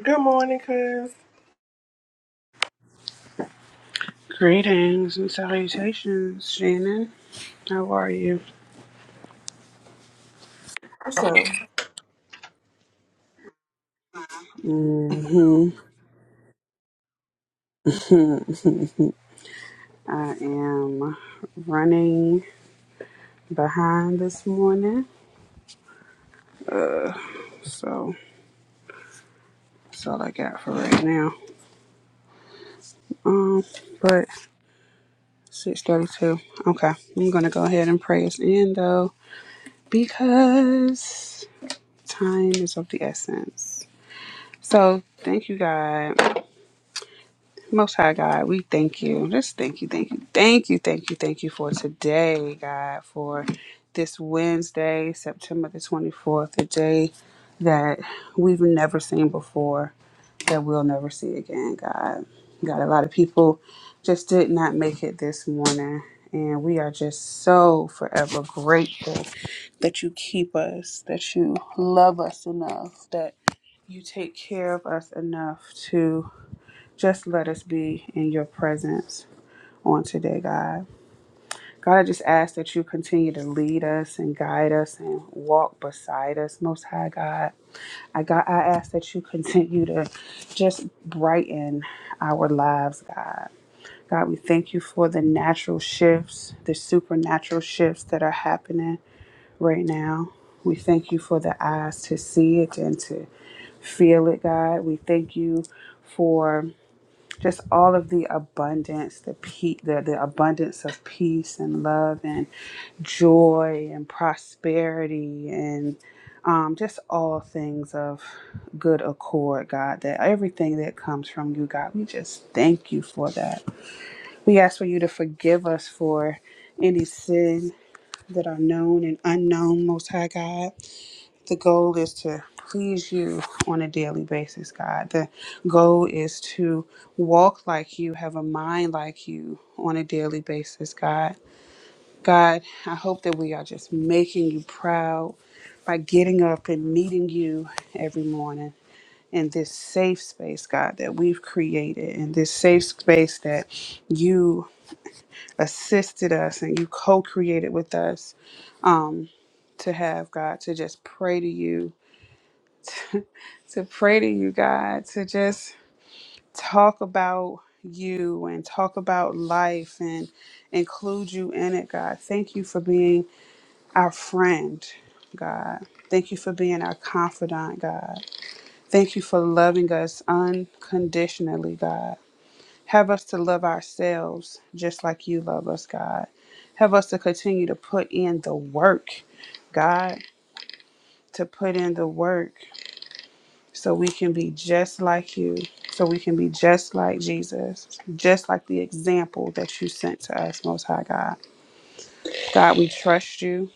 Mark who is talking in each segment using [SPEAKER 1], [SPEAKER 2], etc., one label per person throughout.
[SPEAKER 1] Good morning, cuz.
[SPEAKER 2] Greetings and salutations, Shannon. How are you?
[SPEAKER 1] Awesome.
[SPEAKER 2] hmm I am running behind this morning, so that's all I got for right now. Um, but six thirty-two. Okay, I'm gonna go ahead and pray us in though, because time is of the essence. So thank you, God. Most High God, we thank you. Just thank you, thank you, thank you, thank you, thank you for today, God, for this Wednesday, September the 24th, a day that we've never seen before, that we'll never see again, God. God, a lot of people just did not make it this morning. And we are just so forever grateful that you keep us, that you love us enough, that you take care of us enough to. Just let us be in your presence on today, God. God, I just ask that you continue to lead us and guide us and walk beside us, Most High God. I God, I ask that you continue to just brighten our lives, God. God, we thank you for the natural shifts, the supernatural shifts that are happening right now. We thank you for the eyes to see it and to feel it, God. We thank you for just all of the abundance, the, pe- the the abundance of peace and love and joy and prosperity and um, just all things of good accord, God. That everything that comes from you, God, we just thank you for that. We ask for you to forgive us for any sin that are known and unknown, Most High God. The goal is to please you on a daily basis, God. The goal is to walk like you, have a mind like you on a daily basis, God. God, I hope that we are just making you proud by getting up and meeting you every morning in this safe space, God, that we've created, in this safe space that you assisted us and you co created with us um, to have, God, to just pray to you to pray to you, God, to just talk about you and talk about life and include you in it, God. Thank you for being our friend, God. Thank you for being our confidant, God. Thank you for loving us unconditionally, God. Have us to love ourselves just like you love us, God. Have us to continue to put in the work, God, to put in the work so we can be just like you, so we can be just like Jesus, just like the example that you sent to us, Most High God. God, we trust you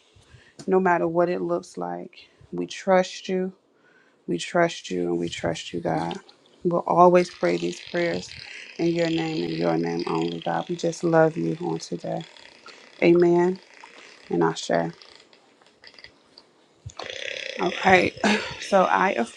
[SPEAKER 2] no matter what it looks like. We trust you, we trust you, and we trust you, God. We'll always pray these prayers in your name and your name only, God. We just love you on today. Amen. And I share. Okay. So I affirm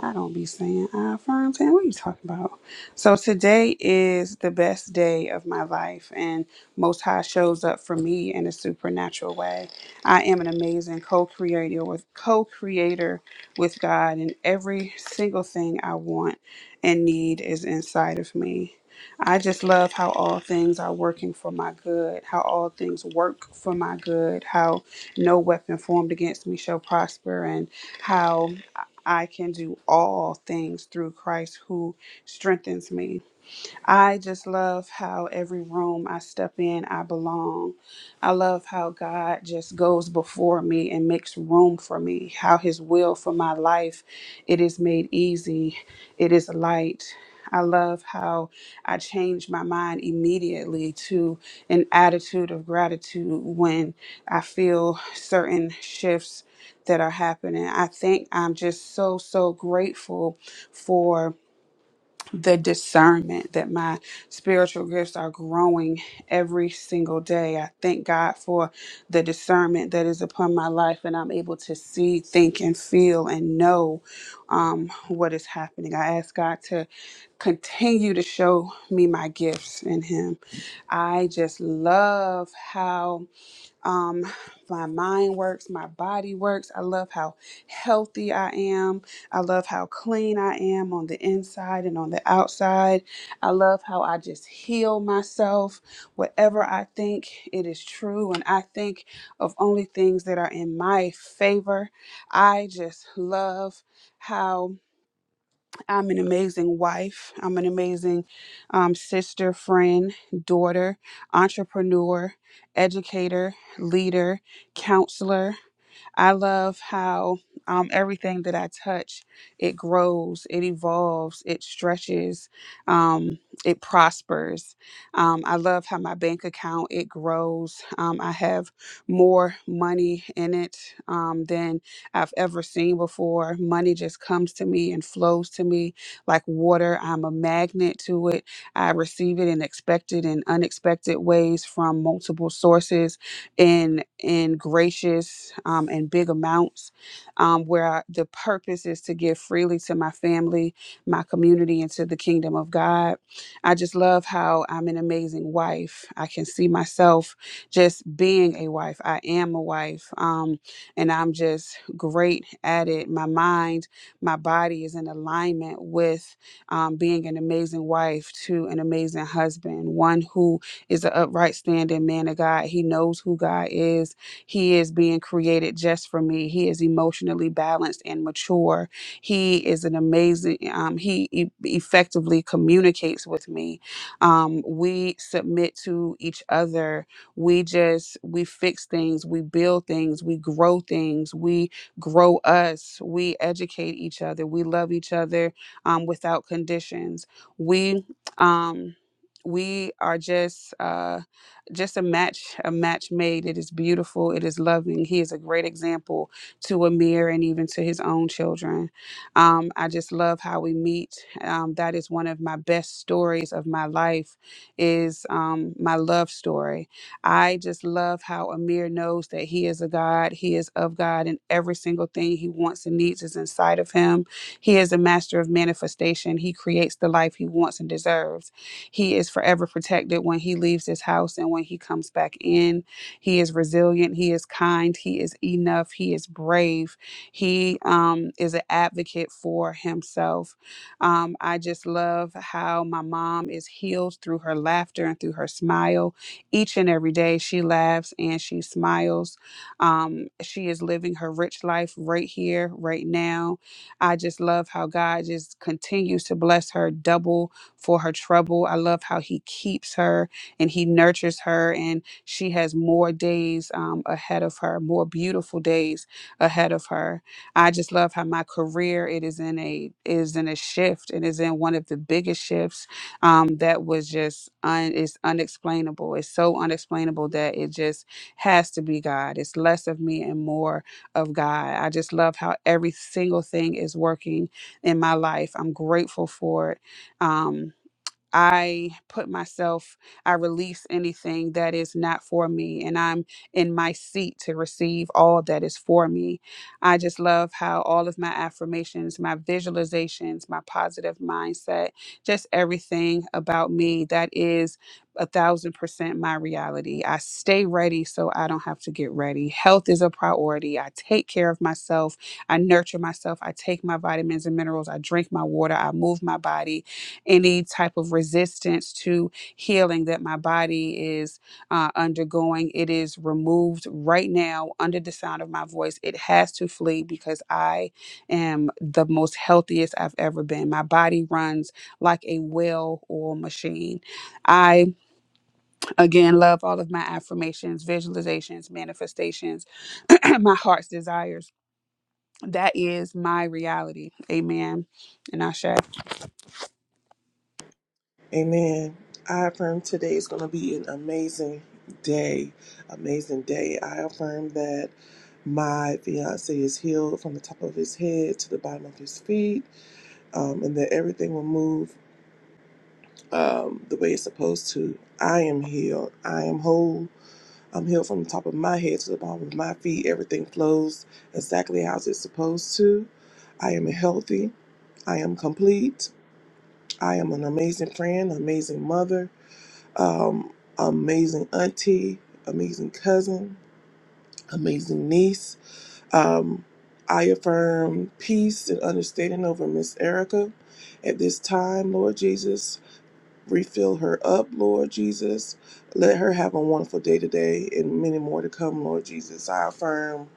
[SPEAKER 2] I don't be saying I affirm saying what are you talking about? So today is the best day of my life and most high shows up for me in a supernatural way. I am an amazing co-creator with co-creator with God and every single thing I want and need is inside of me. I just love how all things are working for my good, how all things work for my good, how no weapon formed against me shall prosper and how I can do all things through Christ who strengthens me. I just love how every room I step in, I belong. I love how God just goes before me and makes room for me, how his will for my life it is made easy, it is light. I love how I change my mind immediately to an attitude of gratitude when I feel certain shifts that are happening. I think I'm just so, so grateful for the discernment that my spiritual gifts are growing every single day. I thank God for the discernment that is upon my life, and I'm able to see, think, and feel and know um, what is happening. I ask God to continue to show me my gifts in Him. I just love how. Um, my mind works, my body works. I love how healthy I am. I love how clean I am on the inside and on the outside. I love how I just heal myself. Whatever I think, it is true. And I think of only things that are in my favor. I just love how. I'm an amazing wife. I'm an amazing um, sister, friend, daughter, entrepreneur, educator, leader, counselor. I love how um, everything that I touch, it grows, it evolves, it stretches, um, it prospers. Um, I love how my bank account, it grows. Um, I have more money in it um, than I've ever seen before. Money just comes to me and flows to me like water. I'm a magnet to it. I receive it in expected and unexpected ways from multiple sources in in gracious um, and big amounts um, where I- the purpose is to give freely to my family my community and to the kingdom of god i just love how i'm an amazing wife i can see myself just being a wife i am a wife um, and i'm just great at it my mind my body is in alignment with um, being an amazing wife to an amazing husband one who is an upright standing man of God. He knows who God is. He is being created just for me. He is emotionally balanced and mature. He is an amazing, um, he e- effectively communicates with me. Um, we submit to each other. We just, we fix things, we build things, we grow things, we grow us, we educate each other, we love each other um, without conditions. We, um, we are just uh just a match a match made it is beautiful it is loving he is a great example to amir and even to his own children um i just love how we meet um that is one of my best stories of my life is um my love story i just love how amir knows that he is a god he is of god and every single thing he wants and needs is inside of him he is a master of manifestation he creates the life he wants and deserves he is forever protected when he leaves his house and when he comes back in. He is resilient. He is kind. He is enough. He is brave. He um, is an advocate for himself. Um, I just love how my mom is healed through her laughter and through her smile. Each and every day, she laughs and she smiles. Um, she is living her rich life right here, right now. I just love how God just continues to bless her double for her trouble. I love how he keeps her and he nurtures her, and she has more days um, ahead of her, more beautiful days ahead of her. I just love how my career it is in a is in a shift. It is in one of the biggest shifts um, that was just un, it's unexplainable. It's so unexplainable that it just has to be God. It's less of me and more of God. I just love how every single thing is working in my life. I'm grateful for it. Um, I put myself, I release anything that is not for me, and I'm in my seat to receive all that is for me. I just love how all of my affirmations, my visualizations, my positive mindset, just everything about me that is a thousand percent my reality. I stay ready so I don't have to get ready. Health is a priority. I take care of myself. I nurture myself. I take my vitamins and minerals. I drink my water. I move my body any type of resistance to healing that my body is uh, undergoing. It is removed right now under the sound of my voice. It has to flee because I am the most healthiest I've ever been. My body runs like a well oiled machine. I, again, love all of my affirmations, visualizations, manifestations, my heart's desires. That is my reality. Amen. And I shall.
[SPEAKER 1] Amen. I affirm today is going to be an amazing day. Amazing day. I affirm that my fiance is healed from the top of his head to the bottom of his feet, um, and that everything will move um, the way it's supposed to. I am healed. I am whole. I'm healed from the top of my head to the bottom of my feet. Everything flows exactly as it's supposed to. I am healthy. I am complete. I am an amazing friend, amazing mother, um, amazing auntie, amazing cousin, amazing niece. Um, I affirm peace and understanding over Miss Erica at this time, Lord Jesus. Refill her up, Lord Jesus. Let her have a wonderful day today and many more to come, Lord Jesus. I affirm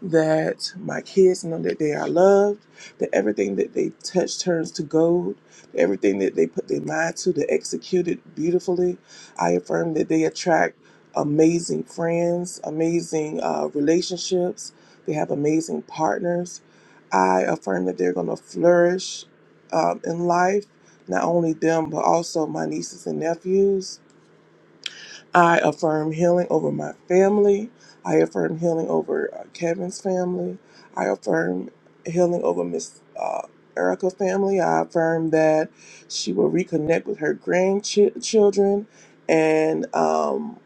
[SPEAKER 1] that my kids know that they are loved, that everything that they touch turns to gold, everything that they put their mind to, they execute it beautifully. I affirm that they attract amazing friends, amazing uh, relationships, they have amazing partners. I affirm that they're going to flourish um, in life not only them, but also my nieces and nephews. I affirm healing over my family. I affirm healing over uh, Kevin's family. I affirm healing over Miss uh, Erica's family. I affirm that she will reconnect with her grandchildren and um,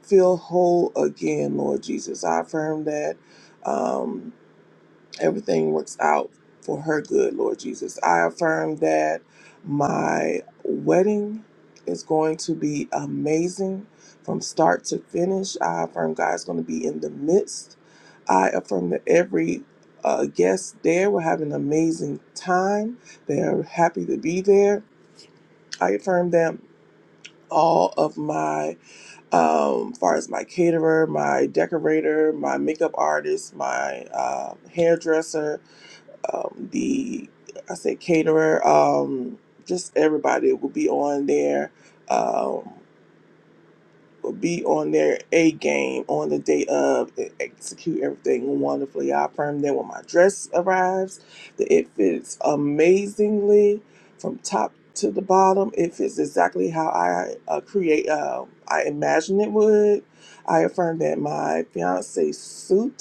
[SPEAKER 1] feel whole again, Lord Jesus. I affirm that. um, everything works out for her good, Lord Jesus. I affirm that my wedding is going to be amazing from start to finish. I affirm God's going to be in the midst. I affirm that every uh, guest there will have an amazing time. They are happy to be there. I affirm that all of my, um, far as my caterer, my decorator, my makeup artist, my uh, hairdresser, um, the I say caterer, um, just everybody will be on there, um, will be on their A game on the day of and execute everything wonderfully. I affirm that when my dress arrives, that it fits amazingly from top to the bottom. It fits exactly how I uh, create, uh, I imagine it would. I affirm that my fiance's suit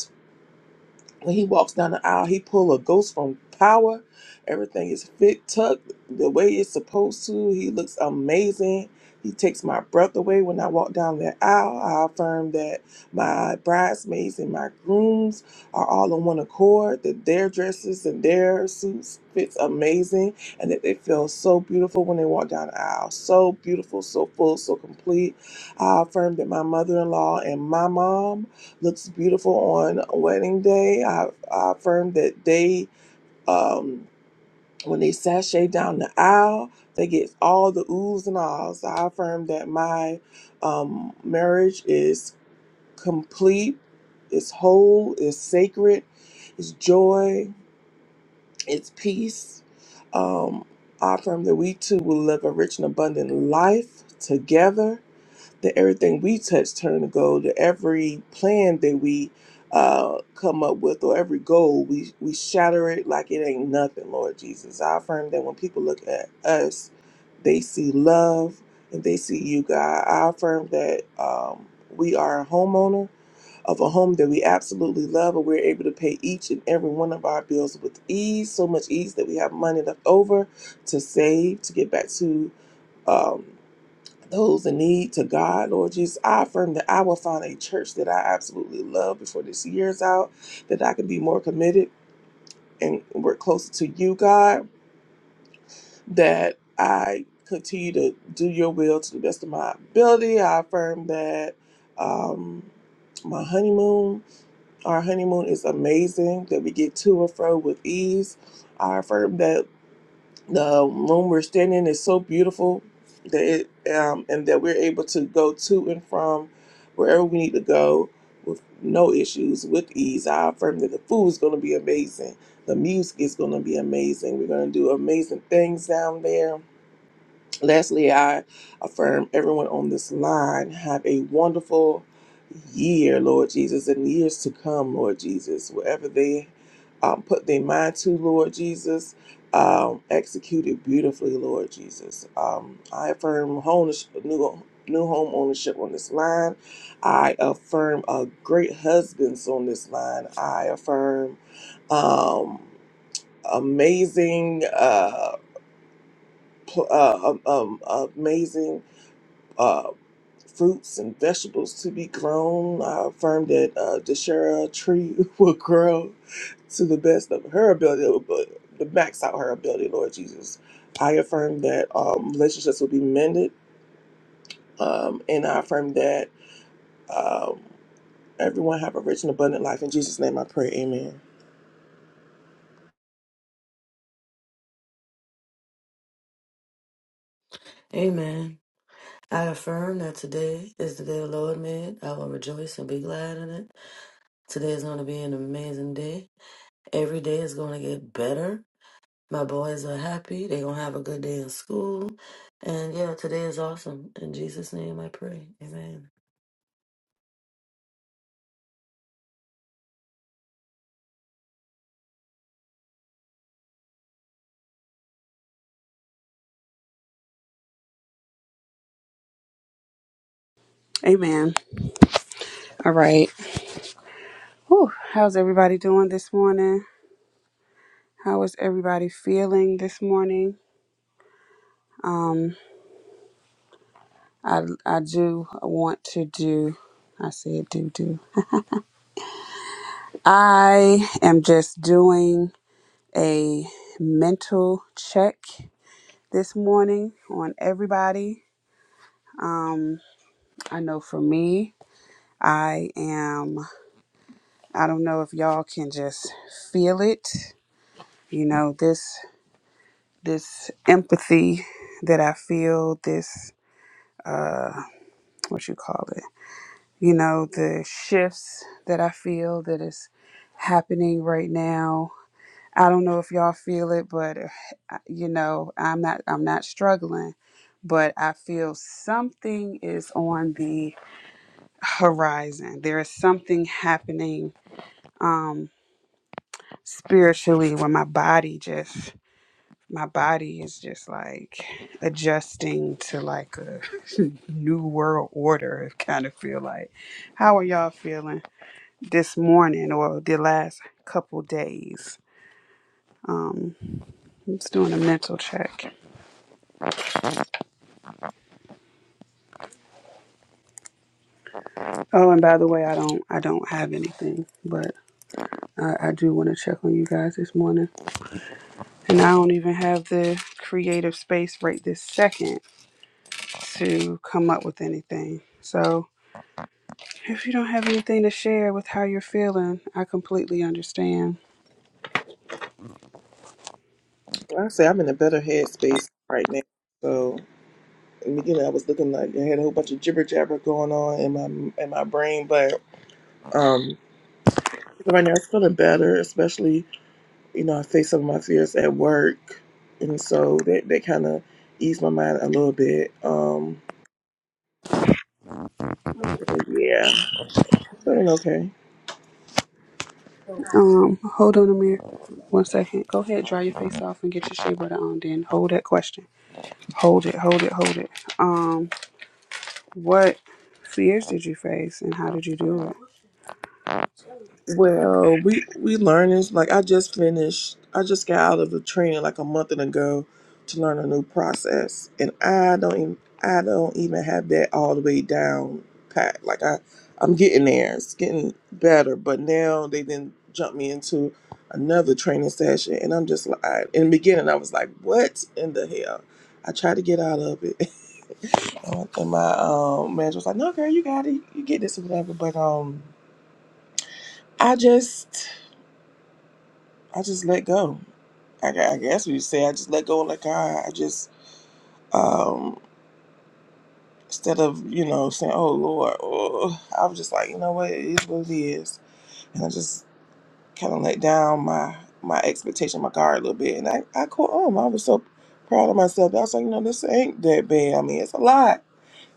[SPEAKER 1] when he walks down the aisle, he pull a ghost from power. Everything is fit tucked the way it's supposed to. He looks amazing. He takes my breath away when I walk down that aisle. I affirm that my bridesmaids and my grooms are all on one accord, that their dresses and their suits fits amazing, and that they feel so beautiful when they walk down the aisle. So beautiful, so full, so complete. I affirm that my mother-in-law and my mom looks beautiful on wedding day. I, I affirm that they, um, when they sashay down the aisle, they get all the oohs and ahs. I affirm that my um, marriage is complete, it's whole, it's sacred, it's joy, it's peace. Um, I affirm that we two will live a rich and abundant life together that everything we touch turn to gold, that every plan that we uh, come up with or every goal, we, we shatter it like it ain't nothing, Lord Jesus. I affirm that when people look at us, they see love and they see you, God. I affirm that um, we are a homeowner of a home that we absolutely love and we're able to pay each and every one of our bills with ease, so much ease that we have money left over to save, to get back to. Um, those in need to God, Lord Jesus. I affirm that I will find a church that I absolutely love before this year's out, that I can be more committed and work closer to you, God, that I continue to do your will to the best of my ability. I affirm that um, my honeymoon, our honeymoon is amazing, that we get to and fro with ease. I affirm that the room we're standing in is so beautiful that it, um, and that we're able to go to and from wherever we need to go with no issues with ease i affirm that the food is going to be amazing the music is going to be amazing we're going to do amazing things down there Lastly, I affirm everyone on this line have a wonderful year, Lord Jesus, and years to come, Lord Jesus. Whatever they um, put their mind to, Lord Jesus, um, execute it beautifully, Lord Jesus. Um, I affirm home, new, new home ownership on this line. I affirm uh, great husbands on this line. I affirm um, amazing, uh, pl- uh, um, um, amazing uh, fruits and vegetables to be grown. I affirm that uh, Deshera tree will grow to the best of her ability, but to max out her ability, Lord Jesus. I affirm that um, relationships will be mended, um, and I affirm that um, everyone have a rich and abundant life. In Jesus' name, I pray. Amen.
[SPEAKER 3] Amen. I affirm that today is the day the Lord made. I will rejoice and be glad in it. Today is going to be an amazing day. Every day is going to get better. My boys are happy. They're going to have a good day in school. And yeah, today is awesome. In Jesus' name I pray. Amen.
[SPEAKER 2] Amen. All right. Whew, how's everybody doing this morning? How is everybody feeling this morning? I I do want to do. I said do do. I am just doing a mental check this morning on everybody. I know for me, I am. I don't know if y'all can just feel it. You know this this empathy that I feel. This uh, what you call it you know, the shifts that I feel that is happening right now. I don't know if y'all feel it, but uh, you know, I'm not I'm not struggling, but I feel something is on the horizon. There is something happening um spiritually where my body just my body is just like adjusting to like a new world order. It kind of feel like. How are y'all feeling? this morning or the last couple days. I'm just doing a mental check. Oh, and by the way, I don't I don't have anything, but I, I do want to check on you guys this morning. And I don't even have the creative space right this second to come up with anything. So if you don't have anything to share with how you're feeling, I completely understand.
[SPEAKER 1] Well, I say I'm in a better headspace right now. So, I mean, you know, I was looking like I had a whole bunch of jibber jabber going on in my in my brain, but. um, So right now it's feeling better, especially, you know, I faced some of my fears at work. And so that, that kind of eased my mind a little bit. Um, so yeah, feeling okay.
[SPEAKER 2] Um, hold on a minute. One second. Go ahead, dry your face off and get your shea butter on. Then hold that question. Hold it. Hold it. Hold it. Um, What fears did you face and how did you deal with it?
[SPEAKER 1] Well, we we learning like I just finished. I just got out of a training like a month and ago to learn a new process, and I don't even I don't even have that all the way down pat. Like I I'm getting there. It's getting better, but now they then jump me into another training session, and I'm just like in the beginning I was like, what in the hell? I tried to get out of it, and and my um, manager was like, no, girl, you got it. You get this or whatever. But um, I just. I just let go. I, gu- I guess we say I just let go and let God. I just um, instead of you know saying oh Lord, oh, I was just like you know what it is what it is, and I just kind of let down my my expectation, my guard a little bit, and I I caught on. I was so proud of myself. I was like you know this ain't that bad. I mean it's a lot.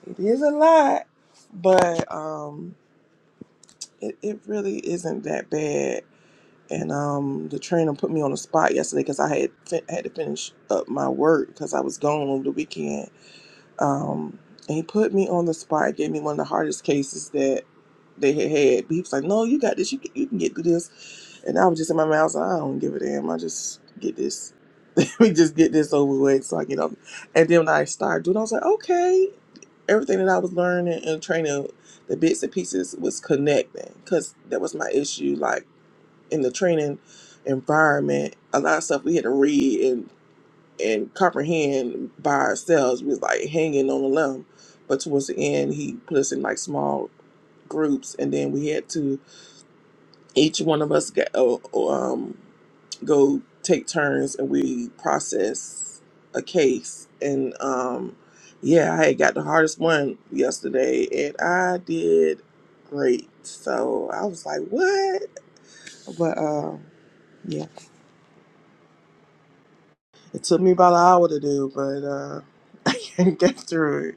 [SPEAKER 1] It is a lot, but um, it it really isn't that bad. and um, the trainer put me on the spot yesterday because I had fin- had to finish up my work because I was gone over the weekend. Um, and he put me on the spot, gave me one of the hardest cases that they had had. He was like, "No, you got this. You can, you can get through this." And I was just in my mouth. I don't give a damn. I just get this. we just get this over with. So I get up. And then when I started doing, I was like, "Okay." Everything that I was learning and training, the bits and pieces was connecting because that was my issue. Like in the training environment, a lot of stuff we had to read and and comprehend by ourselves. We was like hanging on a limb. But towards the end, he put us in like small groups, and then we had to each one of us get uh, um go take turns and we process a case. And um, yeah, I had got the hardest one yesterday and I did great. So I was like, what? But um, yeah. It took me about an hour to do, but uh, I can't get through it.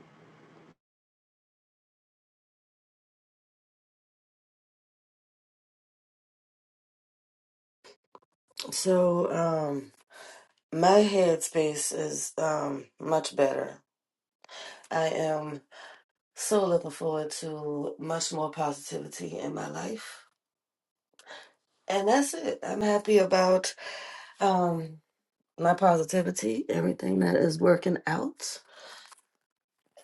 [SPEAKER 3] So, um, my headspace is um, much better. I am so looking forward to much more positivity in my life. And that's it. I'm happy about. Um, my positivity, everything that is working out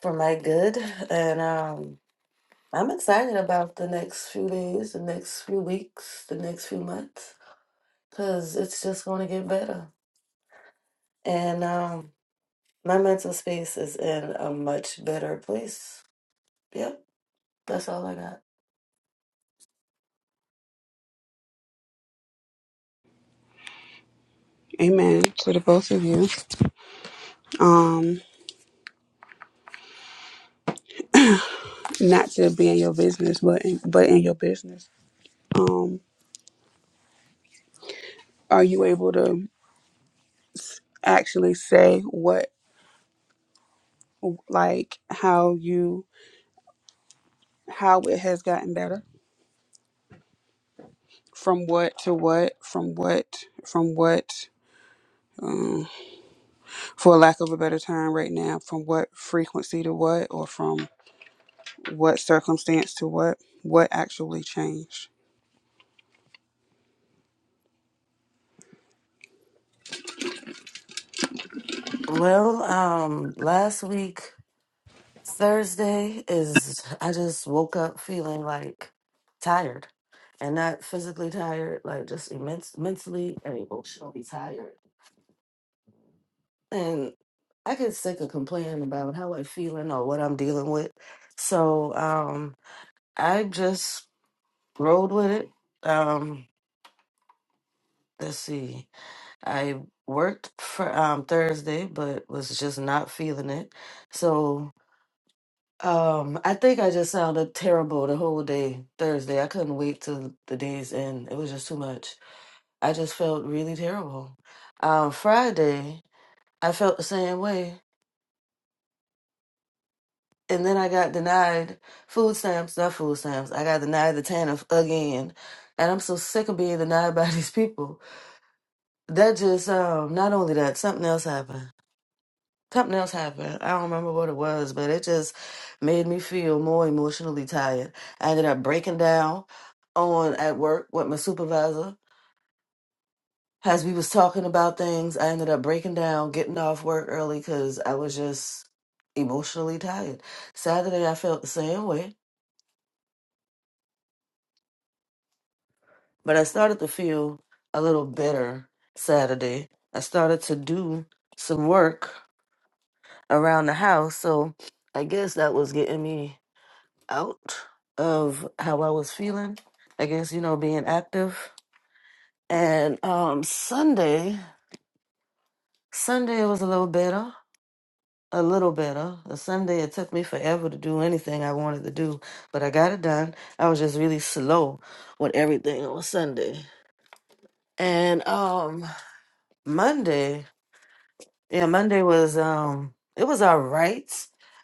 [SPEAKER 3] for my good. And um, I'm excited about the next few days, the next few weeks, the next few months, because it's just going to get better. And um, my mental space is in a much better place. Yep, that's all I got.
[SPEAKER 2] Amen to the both of you. Um, not to be in your business, but in, but in your business. Um, are you able to actually say what, like, how you, how it has gotten better from what to what, from what, from what, um, for lack of a better term, right now, from what frequency to what, or from what circumstance to what, what actually changed?
[SPEAKER 3] Well, um, last week Thursday is I just woke up feeling like tired and not physically tired, like just immense mentally and emotionally tired. And I get sick of complaining about how I'm feeling or what I'm dealing with. So um I just rolled with it. Um let's see. I worked for um Thursday but was just not feeling it. So. Um, I think I just sounded terrible the whole day Thursday. I couldn't wait till the day's end. It was just too much. I just felt really terrible. Um, Friday, I felt the same way. And then I got denied food stamps, not food stamps. I got denied the TANF again. And I'm so sick of being denied by these people. That just, um, not only that, something else happened. something else happened. I don't remember what it was, but it just made me feel more emotionally tired. I ended up breaking down on at work with my supervisor. As we was talking about things, I ended up breaking down, getting off work early because I was just emotionally tired. Saturday, I felt the same way, but I started to feel a little better Saturday. I started to do some work around the house, so I guess that was getting me out of how I was feeling. I guess, you know, being active. And um Sunday, Sunday it was a little better. A little better. A Sunday it took me forever to do anything I wanted to do, but I got it done. I was just really slow with everything on Sunday. And um Monday, yeah, Monday was um it was all right.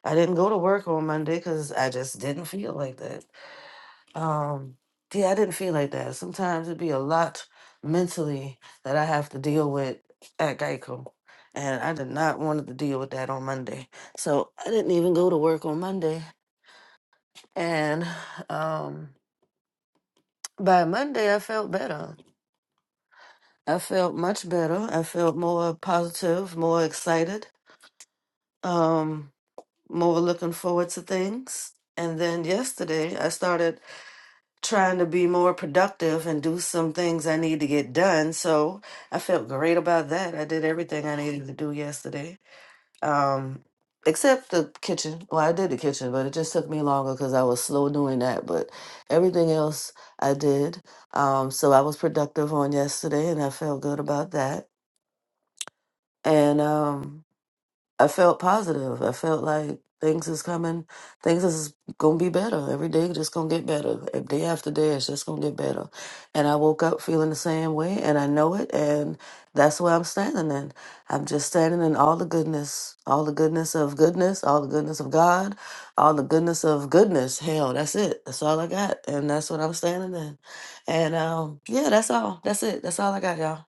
[SPEAKER 3] I didn't go to work on Monday cuz I just didn't feel like that. Um, yeah, I didn't feel like that. Sometimes it'd be a lot mentally that I have to deal with at Geico. And I did not want to deal with that on Monday. So I didn't even go to work on Monday. And um, by Monday, I felt better. I felt much better. I felt more positive, more excited, um, more looking forward to things. And then yesterday, I started. trying to be more productive and do some things I need to get done. So I felt great about that. I did everything I needed to do yesterday, um, except the kitchen. Well, I did the kitchen, but it just took me longer because I was slow doing that. But everything else I did. Um, so I was productive on yesterday and I felt good about that. And, um, I felt positive. I felt like things is coming, things is gonna be better. Every day just gonna get better. If Day after day, it's just gonna get better. And I woke up feeling the same way, and I know it, and that's where I'm standing in. I'm just standing in all the goodness, all the goodness of goodness, all the goodness of God, all the goodness of goodness. Hell, that's it. That's all I got, and that's what I'm standing in. And um, yeah, that's all. That's it. That's all I got, y'all.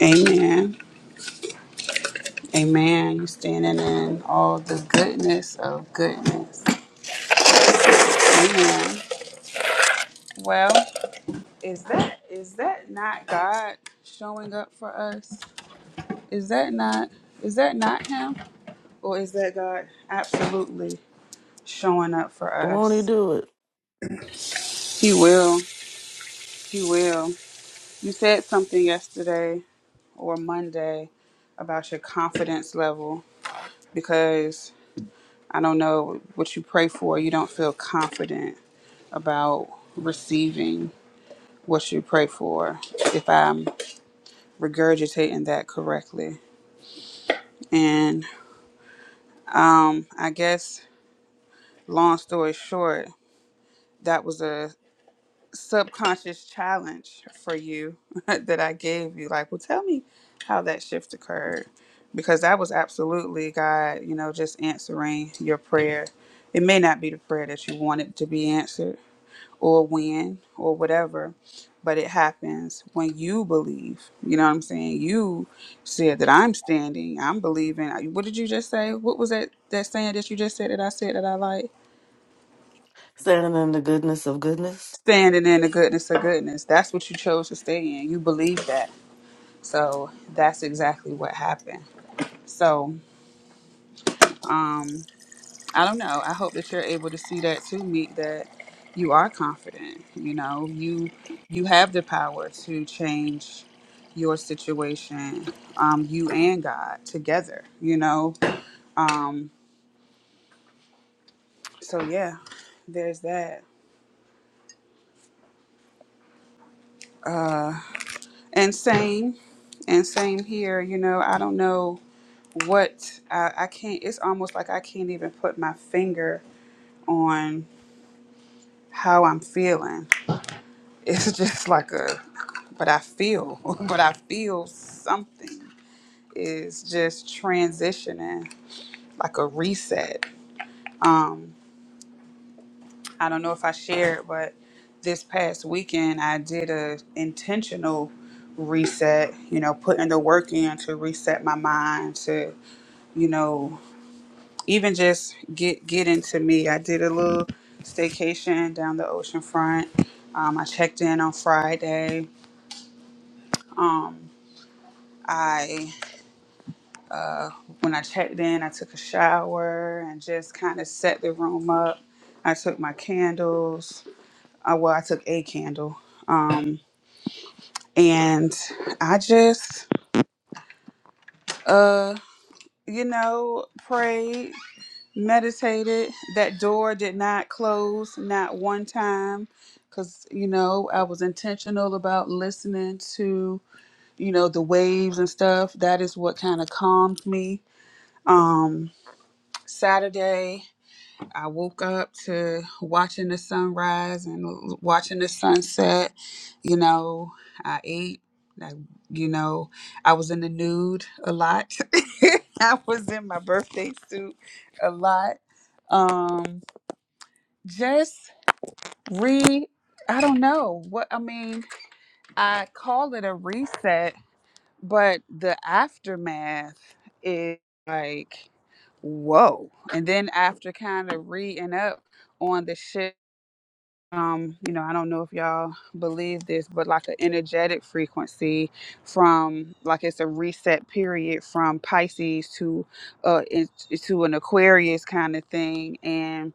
[SPEAKER 2] Amen. Amen. You're standing in all the goodness of goodness. Amen. Well, is that is that not God showing up for us? Is that not is that not him? Or is that God absolutely showing up for
[SPEAKER 3] Won't you
[SPEAKER 2] us?
[SPEAKER 3] do it?
[SPEAKER 2] He will. He will. You said something yesterday or Monday about your confidence level because I don't know what you pray for, you don't feel confident about receiving what you pray for, if I'm regurgitating that correctly. And I guess, long story short, that was a subconscious challenge for you that I gave you. Like, well, tell me how that shift occurred. Because that was absolutely God, you know, just answering your prayer. It may not be the prayer that you wanted to be answered, or when or whatever, but it happens when you believe. You know what I'm saying? You said that I'm standing, I'm believing. What did you just say? What was that that saying that you just said that I said that I like?
[SPEAKER 3] Standing in the goodness of goodness.
[SPEAKER 2] Standing in the goodness of goodness. That's what you chose to stay in. You believe that. So that's exactly what happened. So, um I don't know. I hope that you're able to see that too, Meek, that you are confident. You know, you you have the power to change your situation, um, you and God together, you know. So yeah, there's that. And same and same here, you know, I don't know what I, I can't it's almost like I can't even put my finger on how I'm feeling. It's just like a but I feel, but I feel something. is just transitioning, like a reset. I don't know if I shared, but this past weekend I did a intentional reset, you know, putting the work in to reset my mind to, you know, even just get get into me. I did a little staycation down the ocean front. Um, I checked in on Friday. I when I checked in, I took a shower and just kind of set the room up. I took my candles Uh, well, I took a candle. Um, and I just, uh, you know, prayed, meditated. That door did not close, not one time, because, you know, I was intentional about listening to, you know, the waves and stuff. That is what kind of calmed me. Um, Saturday. I woke up to watching the sunrise and watching the sunset. You know, I ate. I, you know, I was in the nude a lot. I was in my birthday suit a lot. Um, just re. I don't know what I mean. I call it a reset, but the aftermath is like, whoa. And then after kind of reading up on the shit um you know i don't know if y'all believe this but like an energetic frequency from like it's a reset period from pisces to uh in, to an aquarius kind of thing and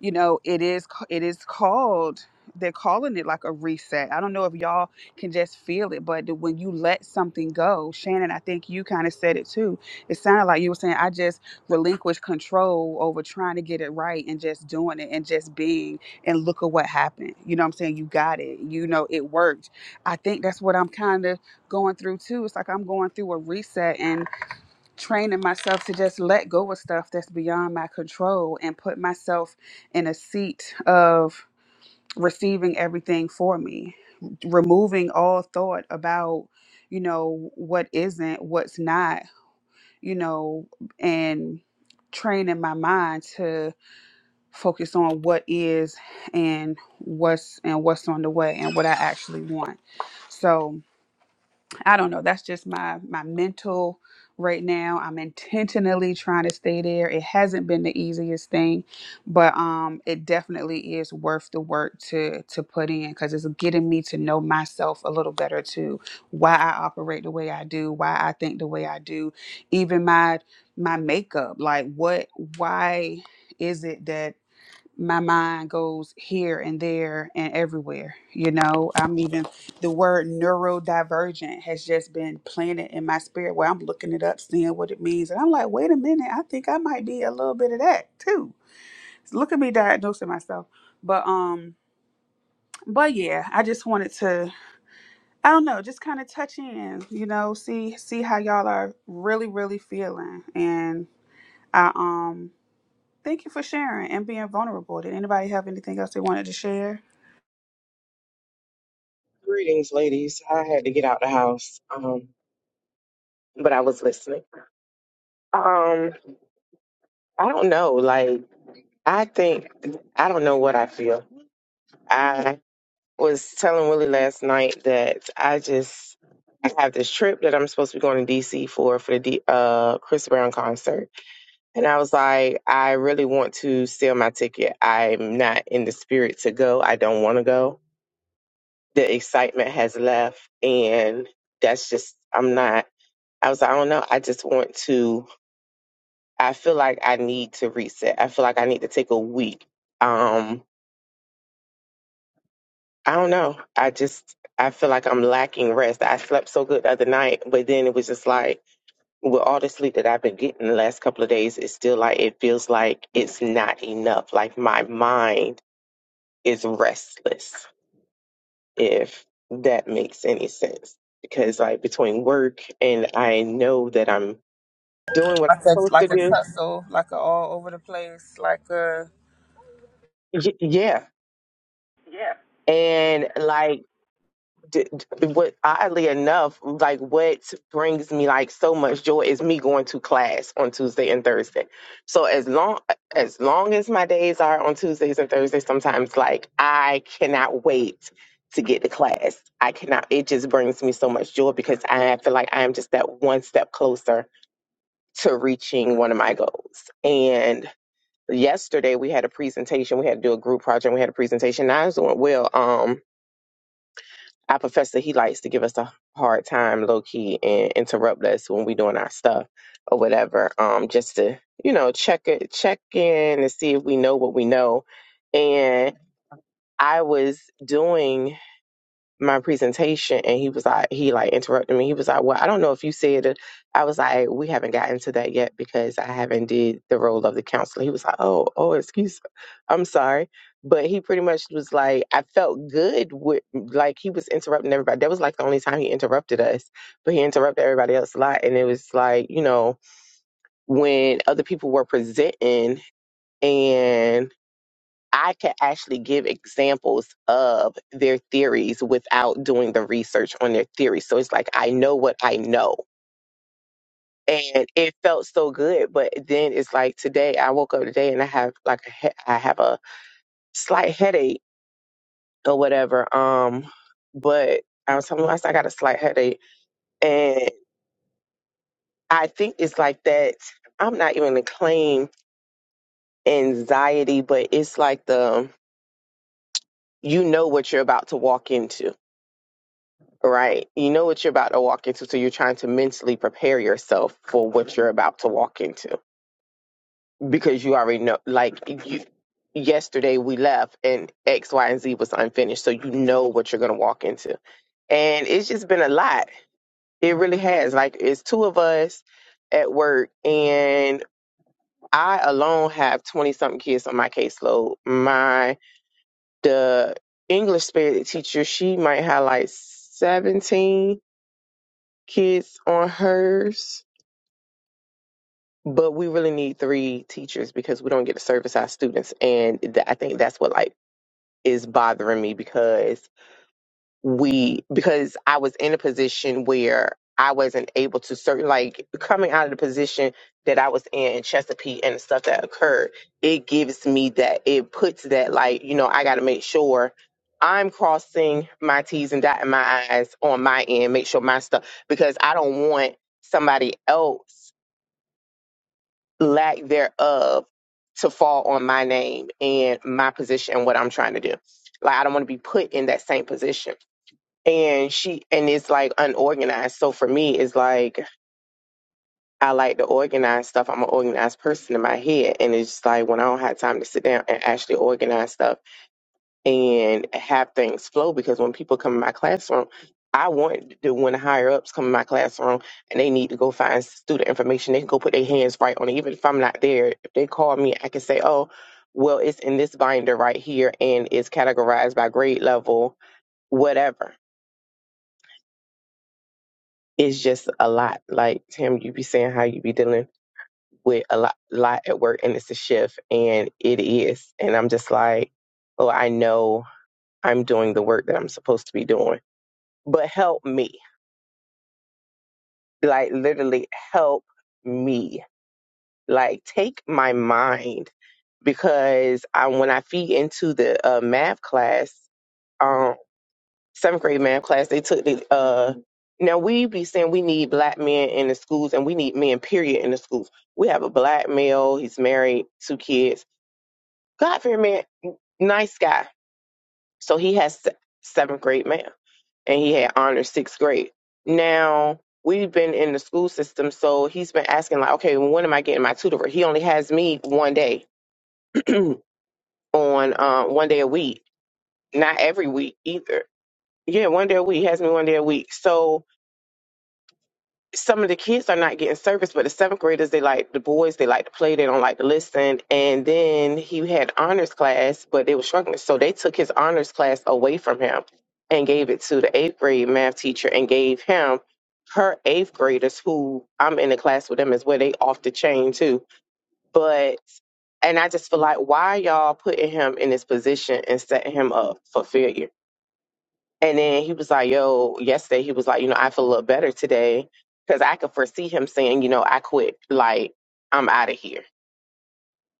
[SPEAKER 2] you know it is it is called they're calling it like a reset i don't know if y'all can just feel it but the- when you let something go shannon i think you kind of said it too it sounded like you were saying i just relinquished control over trying to get it right and just doing it and just being and look at what happened you know what i'm saying you got it you know it worked i think that's what i'm kind of going through too it's like i'm going through a reset and training myself to just let go of stuff that's beyond my control and put myself in a seat of receiving everything for me, removing all thought about, you know, what isn't, what's not, you know, and training my mind to focus on what is and what's and what's on the way and what I actually want. So, I don't know. That's just my my mental right now. I'm intentionally trying to stay there. It hasn't been the easiest thing, but um it definitely is worth the work to to put in cuz it's getting me to know myself a little better too. Why I operate the way I do, why I think the way I do, even my my makeup. Like what why is it that my mind goes here and there and everywhere. You know, I'm even the word neurodivergent has just been planted in my spirit where I'm looking it up, seeing what it means. And I'm like, wait a minute, I think I might be a little bit of that too. So look at me diagnosing myself. But um but yeah, I just wanted to I don't know, just kind of touch in, you know, see see how y'all are really, really feeling. And I um thank you for sharing and being vulnerable. Did anybody have anything else they wanted to share?
[SPEAKER 4] Greetings, ladies. I had to get out the house, um, but I was listening. Um, I don't know. Like, I think I don't know what I feel. I was telling Willie last night that I just I have this trip that I'm supposed to be going to DC for for the D, uh, Chris Brown concert, and I was like, I really want to sell my ticket. I'm not in the spirit to go. I don't want to go. The excitement has left, and that's just I'm not. I was like, I don't know. I just want to. I feel like I need to reset. I feel like I need to take a week. Um, I don't know. I just I feel like I'm lacking rest. I slept so good the other night, but then it was just like with all the sleep that I've been getting the last couple of days, it's still like it feels like it's not enough. Like my mind is restless, if that makes any sense. Because like between work and I know that I'm doing what
[SPEAKER 2] like
[SPEAKER 4] I'm
[SPEAKER 2] a
[SPEAKER 4] supposed to
[SPEAKER 2] like a
[SPEAKER 4] do.
[SPEAKER 2] tussle, like a all over the place, like a
[SPEAKER 4] Y- yeah, and like d- d- what oddly enough like what brings me like so much joy is me going to class on tuesday and thursday so as long as long as my days are on tuesdays and thursdays sometimes like i cannot wait to get to class i cannot it just brings me so much joy because i feel like i am just that one step closer to reaching one of my goals and yesterday we had a presentation we had to do a group project we had a presentation and i was doing well Um our professor, he likes to give us a hard time, low key, and interrupt us when we're doing our stuff or whatever, um, just to you know check it, check in and see if we know what we know. And I was doing my presentation and he was like he like interrupted me he was like well i don't know if you said it i was like we haven't gotten to that yet because i haven't did the role of the counselor he was like oh oh excuse i'm sorry but he pretty much was like i felt good with like he was interrupting everybody that was like the only time he interrupted us but he interrupted everybody else a lot and it was like you know when other people were presenting and I can actually give examples of their theories without doing the research on their theories. So it's like I know what I know. And it felt so good, but then it's like today I woke up today and I have like a he- I have a slight headache or whatever. Um, but I was telling myself I got a slight headache, and I think it's like that. I'm not even gonna claim anxiety, but it's like the you know what you're about to walk into right? You know what you're about to walk into, so you're trying to mentally prepare yourself for what you're about to walk into because you already know. Like you, yesterday we left and X, Y, and Z was unfinished, so you know what you're gonna walk into, and it's just been a lot. It really has. Like it's two of us at work, and I alone have twenty something kids on my caseload. My the English spirit teacher, she might have like seventeen kids on hers but we really need three teachers because we don't get to service our students and th- i think that's what like is bothering me because we because i was in a position where i wasn't able to serve like coming out of the position that i was in in chesapeake and the stuff that occurred it gives me that it puts that like you know i got to make sure i'm crossing my t's and dotting my i's on my end make sure my stuff because i don't want somebody else lack thereof to fall on my name and my position and what I'm trying to do. Like I don't want to be put in that same position. And she and it's like unorganized. So for me, it's like I like to organize stuff. I'm an organized person in my head, and it's just like when I don't have time to sit down and actually organize stuff and have things flow because when people come in my classroom, I want to when the higher ups come in my classroom and they need to go find student information, they can go put their hands right on it. Even if I'm not there, if they call me, I can say, Oh, well, it's in this binder right here and it's categorized by grade level, whatever. It's just a lot. Like Tim, you be saying how you be dealing with a lot lot at work and it's a shift and it is. And I'm just like, Oh, I know I'm doing the work that I'm supposed to be doing but help me. Like literally help me. Like take my mind because I, when I feed into the uh, math class, um, seventh grade math class, they took the. Uh, now we be saying we need black men in the schools and we need men period in the schools. We have a black male. He's married, two kids. God fearing man, nice guy. So he has se- seventh grade math. and he had honors sixth grade. Now we've been in the school system, so he's been asking like, okay, well, when am I getting my tutor? He only has me one day on um, one day a week, not every week either. Yeah, one day a week. He has me one day a week. So some of the kids are not getting service, but the seventh graders, they like the boys, they like to play, they don't like to listen. And then he had honors class, but they were struggling. So they took his honors class away from him and gave it to the eighth grade math teacher and gave him her eighth graders who I'm in the class with them as well. They off the chain too. But and I just feel like why y'all putting him in this position and setting him up for failure? And then he was like, yo, yesterday he was like, you know, I feel a little better today because I could foresee him saying, you know, I quit. Like, I'm out of here.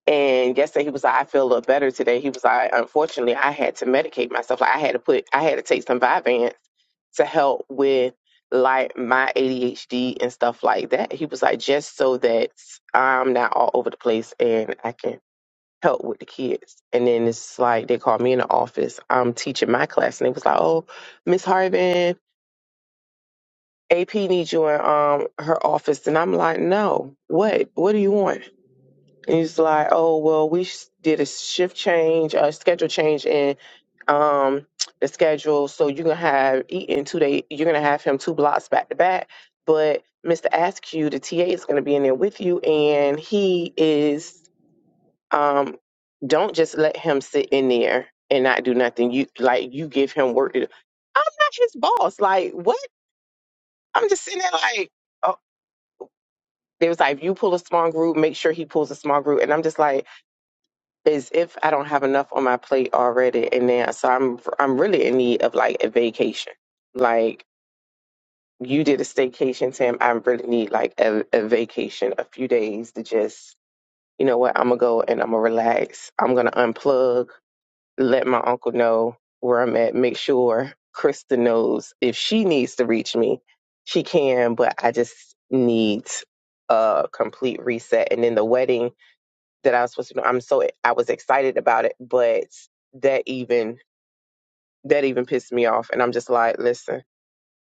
[SPEAKER 4] And yesterday he was like, I feel a little better today. He was like, unfortunately, I had to medicate myself. Like, I had to put, I had to take some Vyvanse to help with like my ADHD and stuff like that. He was like, just so that I'm not all over the place and I can help with the kids. And then it's like, they called me in the office. I'm teaching my class and they was like, oh, Miss Harvin. AP needs you in um her office. And I'm like, no, what? What do you want? And he's like, oh, well, we sh- did a shift change, a schedule change in um the schedule. So you're gonna have Eaton two day you're gonna have him two blocks back to back. But Mr. Askew, the TA is gonna be in there with you and he is um don't just let him sit in there and not do nothing. You like you give him work to do. I'm not his boss. Like what? I'm just sitting there like "Oh, They was like, if you pull a small group, make sure he pulls a small group. And I'm just like, as if I don't have enough on my plate already. And then, so I'm, I'm really in need of like a vacation. Like you did a staycation, Tim. I really need like a, a vacation, a few days to just, you know what, I'm gonna go and I'm gonna relax. I'm gonna unplug, let my uncle know where I'm at, make sure Krista knows if she needs to reach me, she can, but I just need a complete reset. And then the wedding that I was supposed to know. I'm so I was excited about it, but that even that even pissed me off, and I'm just like, listen,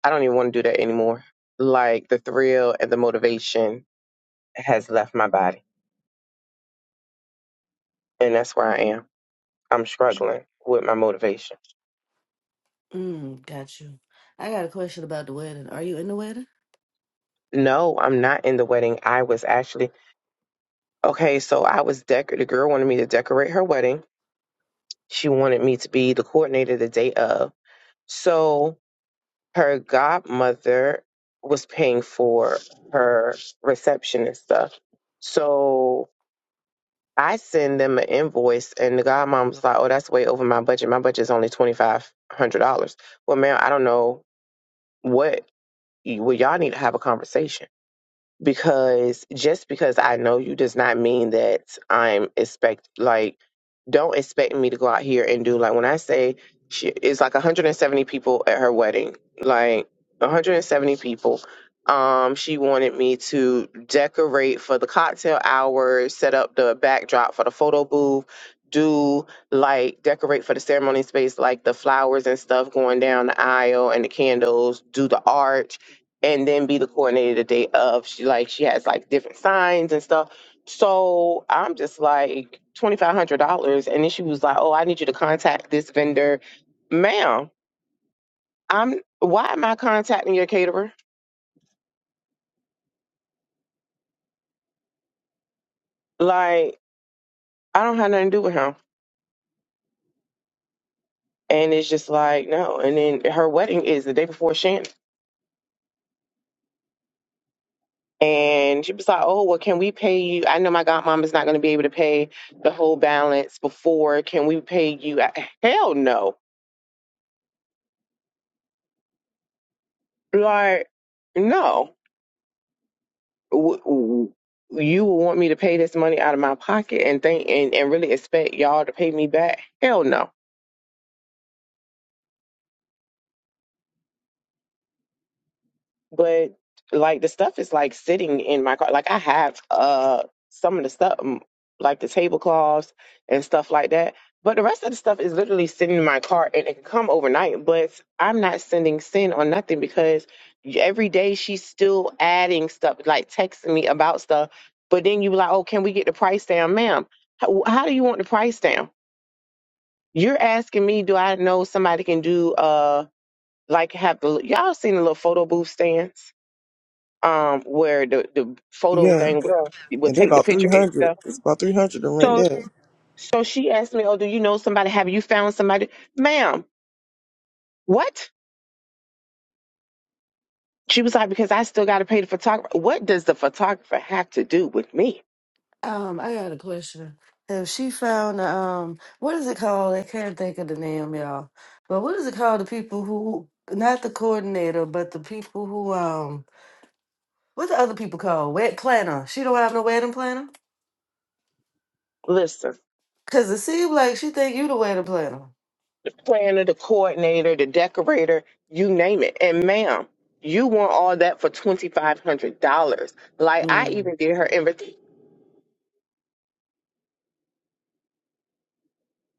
[SPEAKER 4] I don't even want to do that anymore. Like the thrill and the motivation has left my body, and that's where I am. I'm struggling with my motivation.
[SPEAKER 3] Mm, got you. I got a question about the wedding. Are you in the wedding?
[SPEAKER 4] No, I'm not in the wedding. I was actually okay. So I was decor. The girl wanted me to decorate her wedding. She wanted me to be the coordinator the day of. So her godmother was paying for her reception and stuff. So I send them an invoice, and the godmom was like, "Oh, that's way over my budget. My budget is only twenty five hundred dollars." Well, ma'am, I don't know what. Well, y'all need to have a conversation because just because I know you does not mean that I'm expect like don't expect me to go out here and do like when I say she it's like 170 people at her wedding, like 170 people. Um, she wanted me to decorate for the cocktail hour, set up the backdrop for the photo booth, do like decorate for the ceremony space, like the flowers and stuff going down the aisle and the candles, do the art and then be the coordinator the day of. She like she has like different signs and stuff. So I'm just like twenty five hundred dollars, and then she was like, "Oh, I need you to contact this vendor, ma'am. I'm why am I contacting your caterer? Like I don't have nothing to do with him." And it's just like no. And then her wedding is the day before Shannon. And she was like, "Oh, well, can we pay you? I know my godmom is not going to be able to pay the whole balance before. Can we pay you? I- Hell no! Like, no, W- w- you would want me to pay this money out of my pocket and think and, and really expect y'all to pay me back? Hell no. But like the stuff is like sitting in my car. Like I have uh some of the stuff, um, like the tablecloths and stuff like that. But the rest of the stuff is literally sitting in my car and it can come overnight. But I'm not sending sin or nothing because every day she's still adding stuff, like texting me about stuff. But then you be like, oh, can we get the price down, ma'am? How, how do you want the price down? You're asking me, do I know somebody can do uh like have the y'all seen the little photo booth stands? um where the the photo
[SPEAKER 1] Yeah,
[SPEAKER 4] thing would, would
[SPEAKER 1] and they
[SPEAKER 4] take the
[SPEAKER 1] about three
[SPEAKER 4] picture and
[SPEAKER 1] hundred.
[SPEAKER 4] stuff.
[SPEAKER 1] It's about three hundred to rent
[SPEAKER 4] So
[SPEAKER 1] there.
[SPEAKER 4] so she asked me, "Oh, do you know somebody? Have you found somebody, ma'am? What?" She was like, "Because I still got to pay the photographer. What does the photographer have to do with me?
[SPEAKER 3] Um, I got a question. Have she found um what is it called? I can't think of the name, y'all. But what is it called? The people who not the coordinator, but the people who um what the other people called? Wed planner. She don't have no wedding planner?
[SPEAKER 4] Listen,
[SPEAKER 3] Cause it seems like she think you the wedding planner.
[SPEAKER 4] planner, the coordinator, the decorator, you name it, and ma'am." You want all that for twenty five hundred dollars? Like I
[SPEAKER 3] Mm,
[SPEAKER 4] even did her invitation.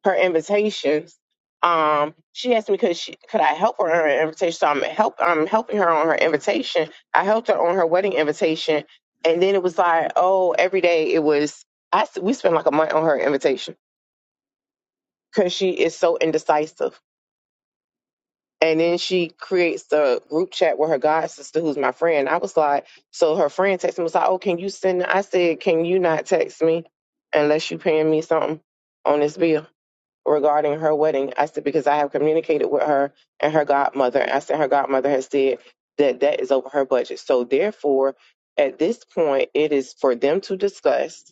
[SPEAKER 4] her invitations. Um, she asked me could she could I help her on her invitation. So I'm help I'm helping her on her invitation. I helped her on her wedding invitation, and then it was like, oh, every day it was. I s- we spent like a month on her invitation because she is so indecisive. And then she creates the group chat with her god sister, who's my friend. I was like, so her friend texted me was like, oh, can you send? I said, can you not text me unless you paying me something on this bill? regarding her wedding. I said, because I have communicated with her and her godmother. I said, her godmother has said that that is over her budget. So, therefore, at this point, it is for them to discuss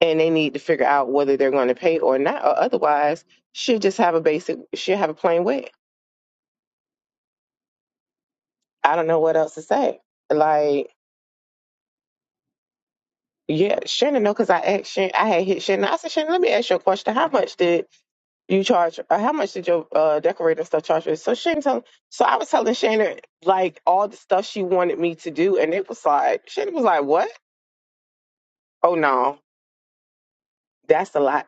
[SPEAKER 4] and they need to figure out whether they're going to pay or not. Or otherwise, she'll just have a basic, she'll have a plain wedding. I don't know what else to say. Like, yeah, Shannon, no, because I asked Shannon, I had hit Shannon. I said, Shannon, let me ask you a question. How much did you charge uh, how much did your uh decorator stuff charge you? So Shane tell so I was telling Shana like all the stuff she wanted me to do and it was like Shana was like, What? Oh no, that's a lot.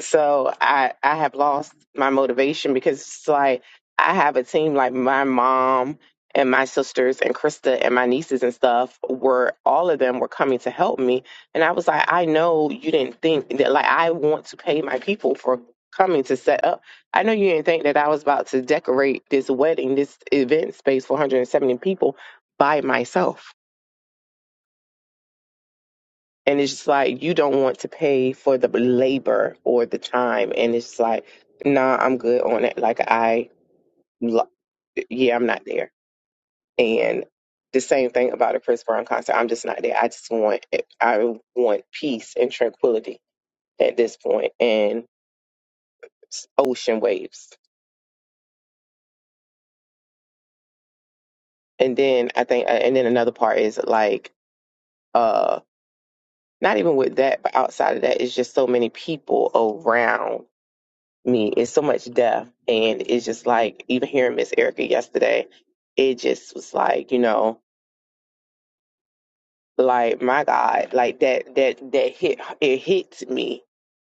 [SPEAKER 4] So I I have lost my motivation because it's like I have a team like my mom and my sisters and Krista and my nieces and stuff were all of them were coming to help me and I was like I know you didn't think that like I want to pay my people for coming to set up. I know you didn't think that I was about to decorate this wedding, this event space for 170 people by myself and it's just like you don't want to pay for the labor or the time. And it's like, nah, I'm good on it. Like I, lo- yeah, I'm not there. And the same thing about a Chris Brown concert. I'm just not there. I just want, I want peace and tranquility at this point, and s- ocean waves. And then I think, uh, and then another part is like, uh, not even with that, but outside of that, it's just so many people around me. It's so much death. And it's just like, even hearing Miss Erica yesterday, it just was like, you know, like my God, like that, that, that hit, it hits me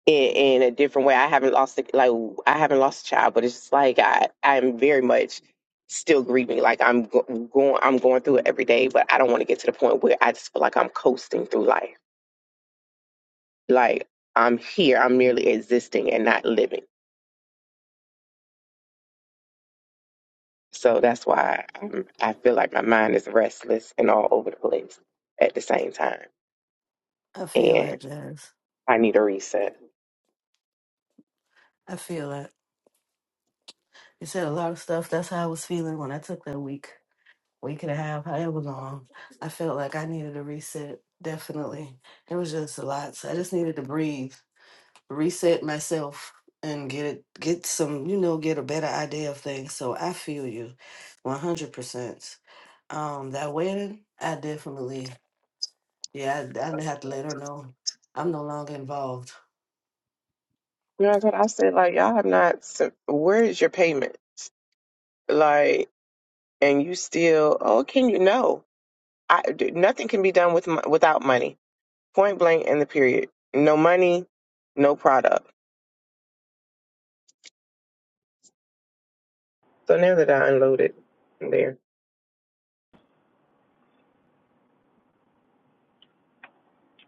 [SPEAKER 4] in, in a different way. I haven't lost, a, like, I haven't lost a child, but it's just like, I, I'm very much still grieving. Like I'm go- going, I'm going through it every day, but I don't want to get to the point where I just feel like I'm coasting through life. Like I'm here, I'm merely existing and not living So that's why I'm, I feel like my mind is restless and all over the place at the same time.
[SPEAKER 3] I feel
[SPEAKER 4] And
[SPEAKER 3] that, Jazz.
[SPEAKER 4] I need a reset.
[SPEAKER 3] I feel that. You said a lot of stuff. That's how I was feeling when I took that week. week and a half, however long, I felt like I needed a reset. Definitely, it was just a lot. So I just needed to breathe, reset myself, and get it, get some, you know, get a better idea of things. So I feel you, one hundred percent. Um, that wedding, I definitely, yeah, I, I have to let her know I'm no longer involved.
[SPEAKER 4] You know, that's what I said. Like, y'all have not, s- where is your payment? Like, and you still, oh, can you? No. I, d- nothing can be done with mo- without money. Point blank and the period. No money, no product. So now that I unloaded there.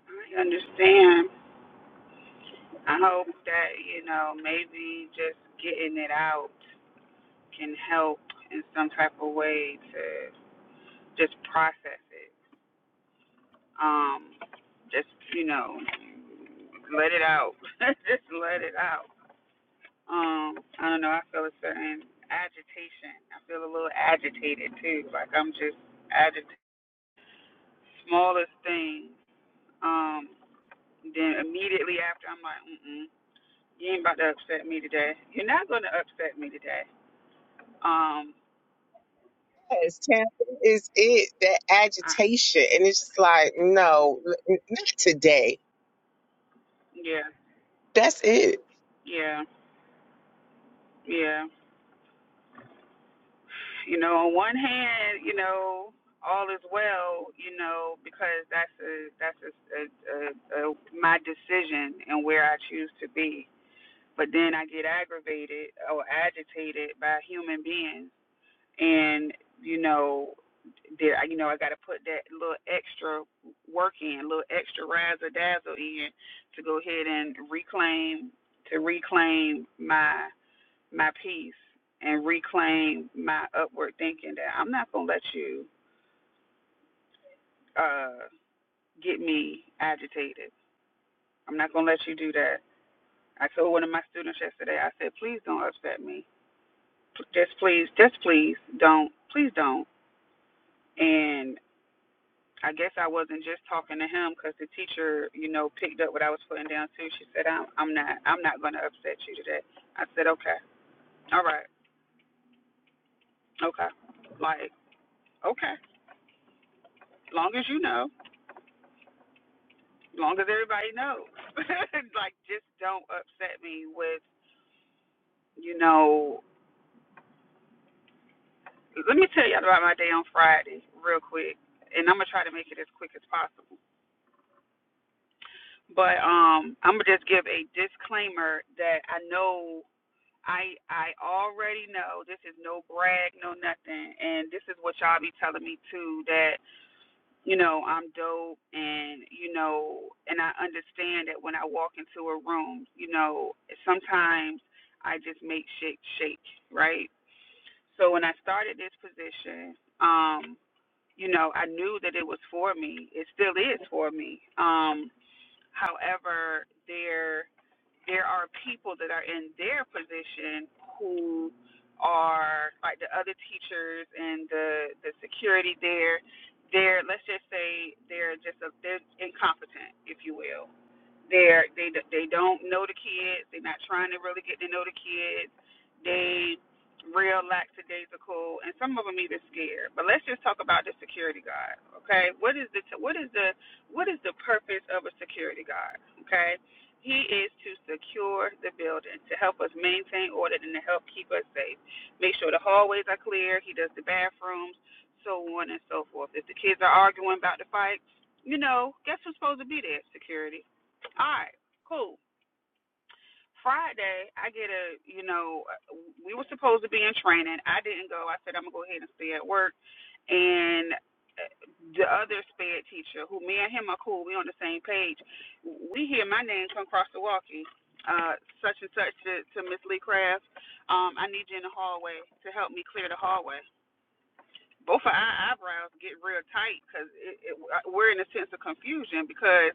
[SPEAKER 2] I understand. I hope that, you know, maybe just getting it out can help in some type of way to just process it. Um, just, you know, let it out. just let it out. Um, I don't know, I feel a certain agitation. I feel a little agitated too. Like I'm just agitated. Smallest thing. Um, Then immediately after, I'm like, mm-mm, you ain't about to upset me today. You're not going to upset me today. Um,
[SPEAKER 4] Yes, Tampa is it that
[SPEAKER 2] I,
[SPEAKER 4] agitation, and it's just like, no, n- not today.
[SPEAKER 2] yeah,
[SPEAKER 4] That's it.
[SPEAKER 2] yeah, yeah. You know, on one hand, you know, all is well, you know, because that's a that's a, a, a, a my decision and where I choose to be. But then I get aggravated or agitated by human beings and you know did I you know I got to put that little extra work in, little extra razzle dazzle in to go ahead and reclaim to reclaim my my peace and reclaim my upward thinking that I'm not gonna let you uh get me agitated. I'm not gonna let you do that. I told one of my students yesterday. I said, please don't upset me. Just please, just please don't, please don't. And. I guess I wasn't just talking to him because the teacher, you know, picked up what I was putting down too. She said, "I'm, I'm not, I'm not going to upset you today." I said, "Okay, all right, okay." Like, okay, long as you know, long as everybody knows. like, just don't upset me with, you know. Let me tell y'all about my day on Friday real quick, and I'm gonna try to make it as quick as possible. But um, I'm gonna just give a disclaimer that I know I I already know this is no brag, no nothing, and this is what y'all be telling me too that you know I'm dope, and you know, and I understand that when I walk into a room, you know, sometimes I just make shit shake, right? So when I started this position, um, you know, I knew that it was for me. It still is for me. Um, however, there there are people that are in their position who are like the other teachers and the the security there they're let's just say they're just a, they're incompetent if you will they're they they don't know the kids they're not trying to really get to know the kids they real lackadaisical and some of them even scared but let's just talk about the security guard okay what is the what is the what is the purpose of a security guard okay he is to secure the building, to help us maintain order, and to help keep us safe. Make sure the hallways are clear. He does the bathrooms, so on and so forth. If the kids are arguing about the fight, you know, guess who's supposed to be there? Security. All right, cool. Friday, I get a, you know, we were supposed to be in training. I didn't go. I said, I'm going to go ahead and stay at work. And uh, the other sped teacher, who me and him are cool, we on the same page, we hear my name come across the walkie. Uh, such and such to, to Miss Lee Craft. Um, I need you in the hallway to help me clear the hallway both of our eyebrows get real tight because it, it, we're in a sense of confusion because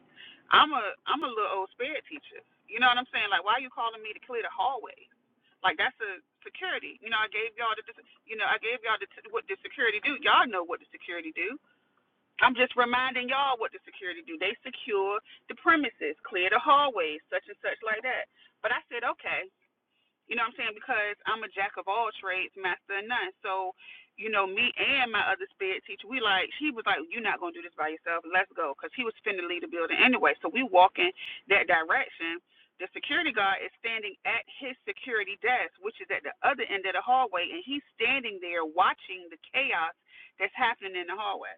[SPEAKER 2] I'm a I'm a little old spirit teacher. You know what I'm saying? Like, why are you calling me to clear the hallway? Like that's a security. You know, I gave y'all the you know I gave y'all the, what the security do. Y'all know what the security do. I'm just reminding y'all what the security do. They secure the premises, clear the hallways, such and such like that. But I said okay. You know what I'm saying? Because I'm a jack of all trades, master of none. So, you know, me and my other spirit teacher, we like, she was like, you're not going to do this by yourself. Let's go. Because he was finna leave the building anyway. So we walk in that direction. The security guard is standing at his security desk, which is at the other end of the hallway. And he's standing there watching the chaos that's happening in the hallway.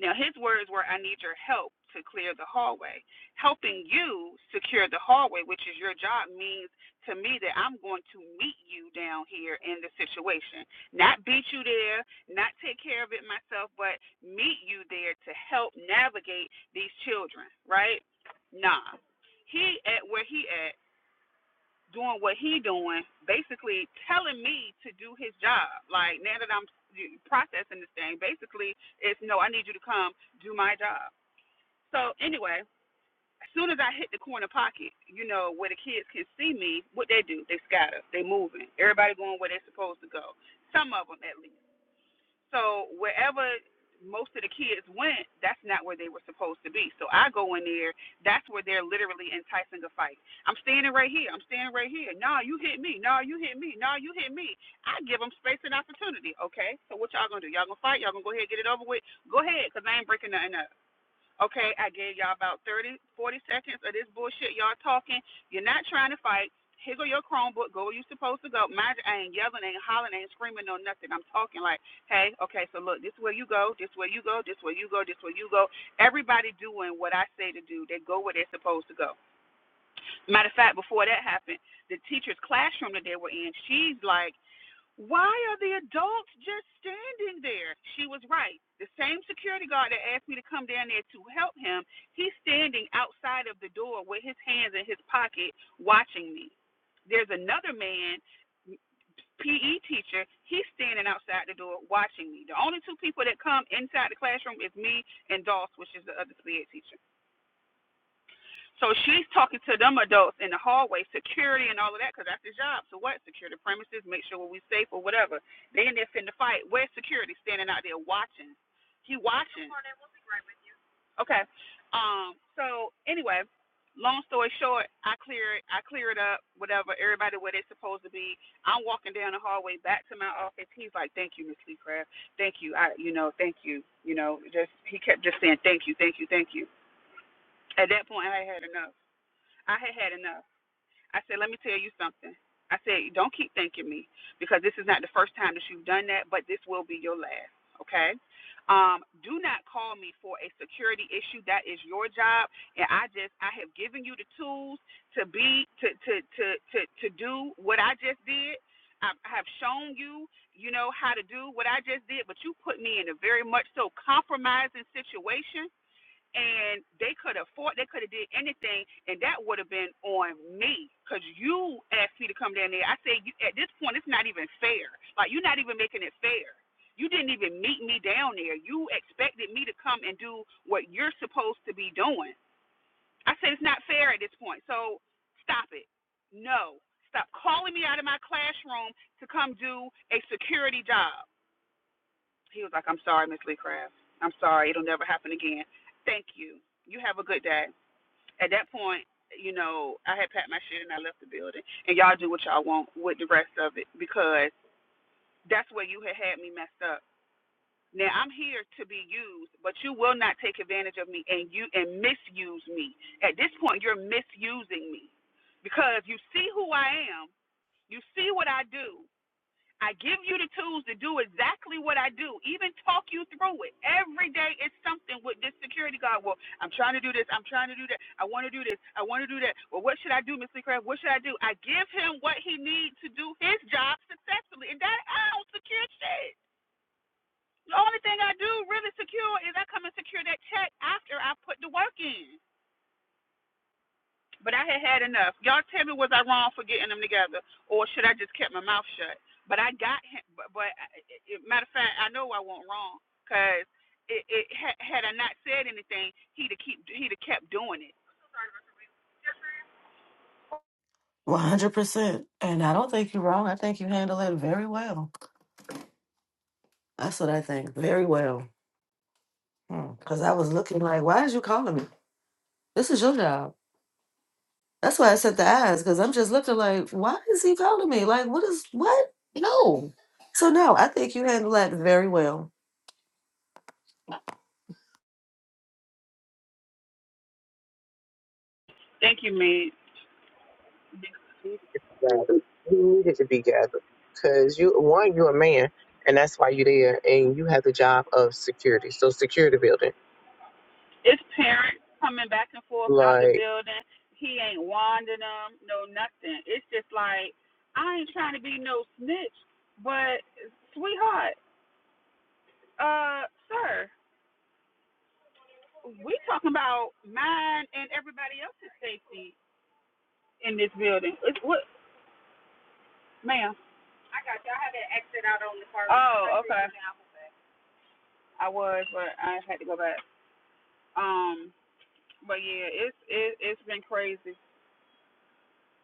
[SPEAKER 2] Now, his words were, I need your help to clear the hallway. Helping you secure the hallway, which is your job, means to me that I'm going to meet you down here in the situation. Not beat you there, not take care of it myself, but meet you there to help navigate these children, right? Nah. He at where he at doing what he doing, basically telling me to do his job. Like now that I'm processing this thing, basically it's no, I need you to come do my job. So anyway, as soon as I hit the corner pocket, you know where the kids can see me, what they do, they scatter, they moving, everybody going where they're supposed to go. Some of them at least. So wherever most of the kids went, that's not where they were supposed to be. So I go in there, that's where they're literally enticing a fight. I'm standing right here. I'm standing right here. No, you hit me. No, you hit me. No, you hit me. I give them space and opportunity. Okay, so what y'all gonna do? Y'all gonna fight? Y'all gonna go ahead and get it over with? Go ahead, 'cause I ain't breaking nothing up. Okay, I gave y'all about 30, 40 seconds of this bullshit y'all talking. You're not trying to fight. Here go your Chromebook. Go where you are supposed to go. Mind you, I ain't yelling, ain't hollering, ain't screaming, no nothing. I'm talking like, hey, okay, so look, this is where you go, this is where you go, this is where you go, this is where you go. Everybody doing what I say to do. They go where they're supposed to go. Matter of fact, before that happened, the teacher's classroom that they were in, she's like, why are the adults just standing there? She was right. The same security guard that asked me to come down there to help him, he's standing outside of the door with his hands in his pocket watching me. There's another man, PE teacher, he's standing outside the door watching me. The only two people that come inside the classroom is me and Doss, which is the other SLED teacher. So she's talking to them adults in the hallway, security and all of that, because that's his job. So what? Secure the premises, make sure we're safe or whatever. They in there finna fight. Where's security standing out there watching? He watching. Okay. Um. So anyway, long story short, I clear it. I clear it up. Whatever. Everybody where they are supposed to be. I'm walking down the hallway back to my office. He's like, "Thank you, Miss Lee Craft. Thank you. I, you know, thank you. You know, just he kept just saying, "Thank you, thank you, thank you." At that point, I had enough. I had had enough. I said, let me tell you something. I said, don't keep thanking me because this is not the first time that you've done that, but this will be your last. Okay? Um, do not call me for a security issue. That is your job. And I just, I have given you the tools to be, to, to, to, to, to do what I just did. I I have shown you, you know, how to do what I just did, but you put me in a very much so compromising situation and they could have fought, they could have did anything, and that would have been on me because you asked me to come down there. I say you, at this point, it's not even fair. Like you're not even making it fair. You didn't even meet me down there. You expected me to come and do what you're supposed to be doing. I said it's not fair at this point. So stop it. No. Stop calling me out of my classroom to come do a security job. He was like, I'm sorry, Miss Lee Craft. I'm sorry. It'll never happen again. Thank you. You have a good day at that point, you know, I had packed my shit and I left the building. And y'all do what y'all want with the rest of it because that's where you had had me messed up. Now I'm here to be used, but you will not take advantage of me and you and misuse me. At this point, you're misusing me because you see who I am, you see what I do, I give you the tools to do exactly what I do, even talk you through it. Every day it's something with this security guard. Well, I'm trying to do this. I'm trying to do that. I want to do this. I want to do that. Well, what should I do, Mr. Kraft? What should I do? I give him what he needs to do his job successfully. And that, I don't secure shit. The only thing I do really secure is I come and secure that check after I put the work in. But I had had enough. Y'all tell me, was I wrong for getting them together, or should I just kept my mouth shut? But I got him. But, but I- matter of fact, I know I was not wrong, cause it, it had, had I not said anything, he'd have keep he'd have kept doing it.
[SPEAKER 3] One hundred percent, and I don't think you're wrong. I think you handled it very well. That's what I think, very well. Because I was looking like, why is you calling me? This is your job. That's why I sent the ads because I'm just looking like, why is he calling me? Like, what is what? No. So no, I think you handled that very well.
[SPEAKER 2] Thank you, man.
[SPEAKER 4] You needed to be gathered. You needed to be gathered because you, one, you're a man, and that's why you're there, and you have the job of security. So security building,
[SPEAKER 2] It's parents coming back and forth out the
[SPEAKER 4] like,
[SPEAKER 2] building. He ain't wanding them, no nothing. It's just like I ain't trying to be no snitch, but sweetheart, uh, sir, we talking about mine and everybody else's safety in this building. It's what, ma'am? I I got you. I had to exit out on the car. Oh, okay. I was, but I had to go back. Um, but yeah, it's it, it's been crazy.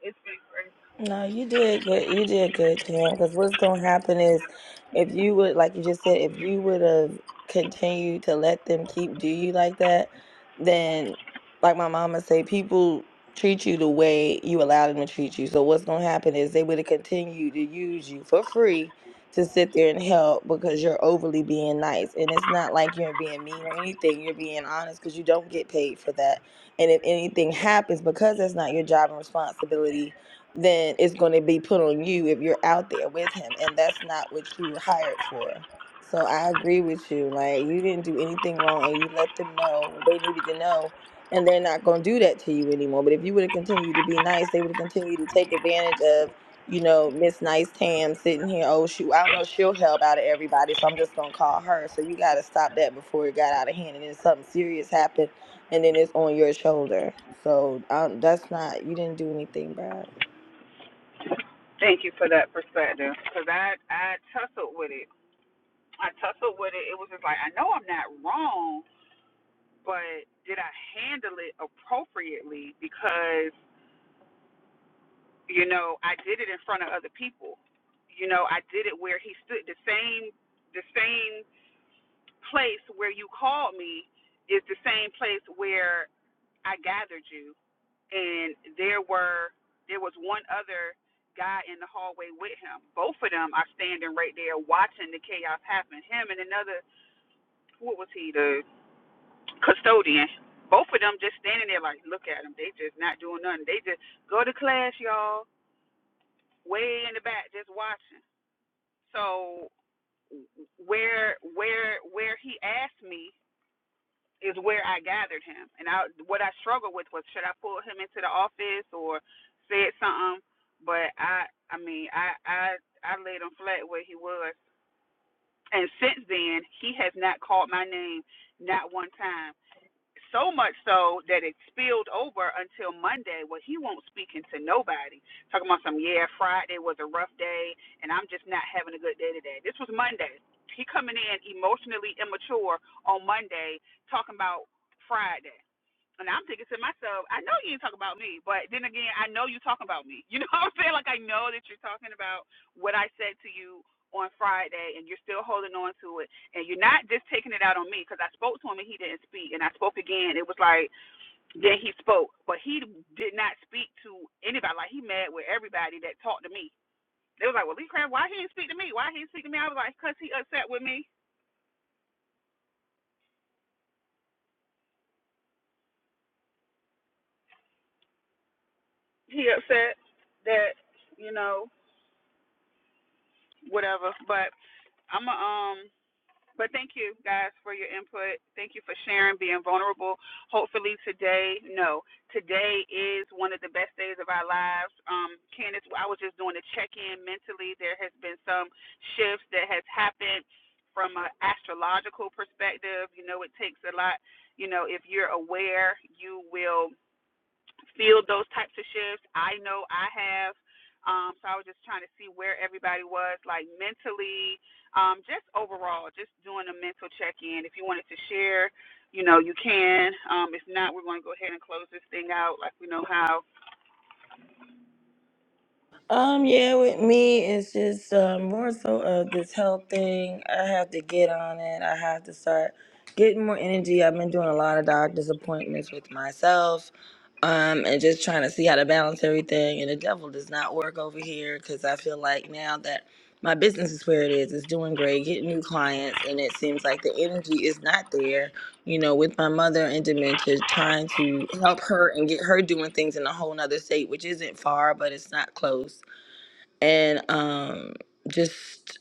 [SPEAKER 2] It's been crazy.
[SPEAKER 5] No, you did good. You did good, Cam. Because what's going to happen is, if you would, like you just said, if you would have continued to let them keep do you like that, then, like my mama say, people treat you the way you allow them to treat you. So what's going to happen is they would have continued to use you for free to sit there and help because you're overly being nice, and it's not like you're being mean or anything. You're being honest because you don't get paid for that. And if anything happens, because that's not your job and responsibility then it's going to be put on you if you're out there with him and that's not what you were hired for so i agree with you like you didn't do anything wrong and you let them know what they needed to know and they're not going to do that to you anymore but if you would have continued to be nice they would have continued to take advantage of you know miss nice tam sitting here oh shoot i don't know she'll help out of everybody so i'm just going to call her so you got to stop that before it got out of hand and then something serious happened and then it's on your shoulder so um, that's not you didn't do anything bad
[SPEAKER 2] Thank you for that perspective, because I I tussled with it. I tussled with it. It was just like I know I'm not wrong, but did I handle it appropriately? Because You know, I did it in front of other people. You know, I did it where he stood the same the same place where you called me is the same place where I gathered you and there were there was one other guy in the hallway with him. Both of them are standing right there watching the chaos happen. Him and another what was he, the custodian. Both of them just standing there like, look at them. They just not doing nothing. They just go to class, y'all. Way in the back, just watching. So where where where he asked me is where I gathered him, and I what I struggled with was should I pull him into the office or said something, but I I mean I I I laid him flat where he was, and since then he has not called my name not one time so much so that it spilled over until Monday where he won't speak to nobody. Talking about some yeah, Friday was a rough day and I'm just not having a good day today. This was Monday. He coming in emotionally immature on Monday talking about Friday. And I'm thinking to myself, I know you ain't talking about me, but then again, I know you talking about me. You know what I'm saying? Like I know that you're talking about what I said to you on Friday, and you're still holding on to it, and you're not just taking it out on me because I spoke to him and he didn't speak, and I spoke again. It was like then he spoke, but he did not speak to anybody. Like he mad with everybody that talked to me. They was like, well, Lee Crab, why he didn't speak to me? Why he didn't speak to me? I was like, cause he upset with me. He upset that you know whatever. But I'm a um. But thank you guys for your input. Thank you for sharing, being vulnerable. Hopefully today, no, today is one of the best days of our lives. Um, Candace, I was just doing a check-in mentally. There has been some shifts that has happened from an astrological perspective. You know, it takes a lot. You know, if you're aware, you will field those types of shifts. I know I have. Um, so I was just trying to see where everybody was, like mentally, um, just overall, just doing a mental check in. If you wanted to share, you know, you can. Um, if not, we're going to go ahead and close this thing out like we know how.
[SPEAKER 5] Um, yeah, with me, it's just uh, more so of this health thing. I have to get on it. I have to start getting more energy. I've been doing a lot of doctor's appointments with myself, um, and just trying to see how to balance everything. And the devil does not work over here because I feel like now that my business is where it is, it's doing great, getting new clients, and it seems like the energy is not there. You know, with my mother and dementia, trying to help her and get her doing things in a whole nother state, which isn't far, but it's not close and um, just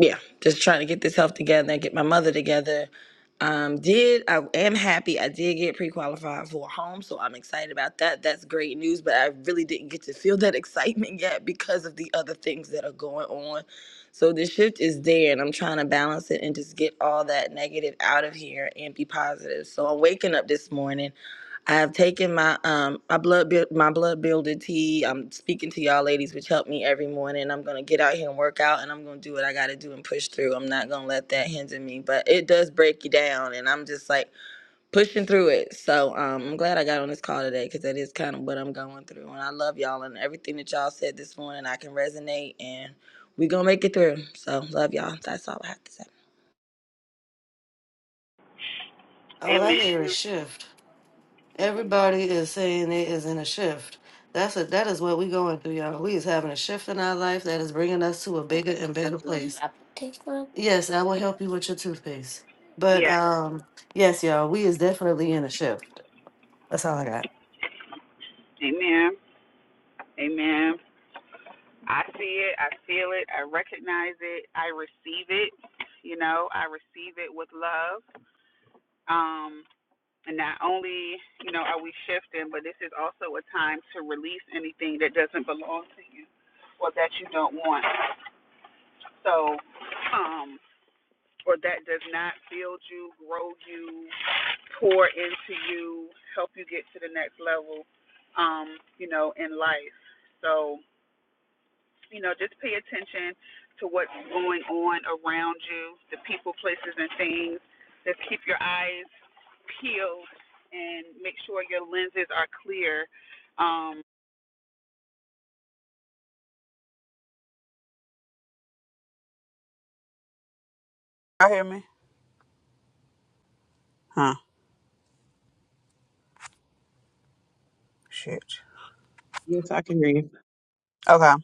[SPEAKER 5] yeah, just trying to get this health together and get my mother together. Um, did I am happy I did get pre-qualified for a home, so I'm excited about that. That's great news, but I really didn't get to feel that excitement yet because of the other things that are going on. So the shift is there, and I'm trying to balance it and just get all that negative out of here and be positive. So I'm waking up this morning I have taken my um my blood build my blood builder tea. I'm speaking to y'all ladies, which help me every morning. I'm gonna get out here and work out, and I'm gonna do what I gotta do and push through. I'm not gonna let that hinder me, but it does break you down, and I'm just like pushing through it. So um, I'm glad I got on this call today because that is kind of what I'm going through, and I love y'all and everything that y'all said this morning. I can resonate, and we gonna make it through. So love y'all. That's all I have to say.
[SPEAKER 3] All I hear is
[SPEAKER 2] Amen.
[SPEAKER 3] shift. Everybody is saying they is in a shift. That's a that is what we going through, y'all. We is having a shift in our life that is bringing us to a bigger and better place. Yes, I will help you with your toothpaste. But
[SPEAKER 2] Yeah.
[SPEAKER 3] um, yes, y'all, we is definitely in a shift. That's all I got.
[SPEAKER 2] Amen. Amen. I see it. I feel it. I recognize it. I receive it. You know, I receive it with love. Um, And not only, you know, are we shifting, but this is also a time to release anything that doesn't belong to you or that you don't want. So, um, or that does not build you, grow you, pour into you, help you get to the next level, um, you know, in life. So, you know, just pay attention to what's going on around you, the people, places, and things. Just keep your eyes peeled and make sure your lenses are clear. Um, I hear me? Huh? Shit.
[SPEAKER 4] yes, I can hear you.
[SPEAKER 2] Okay.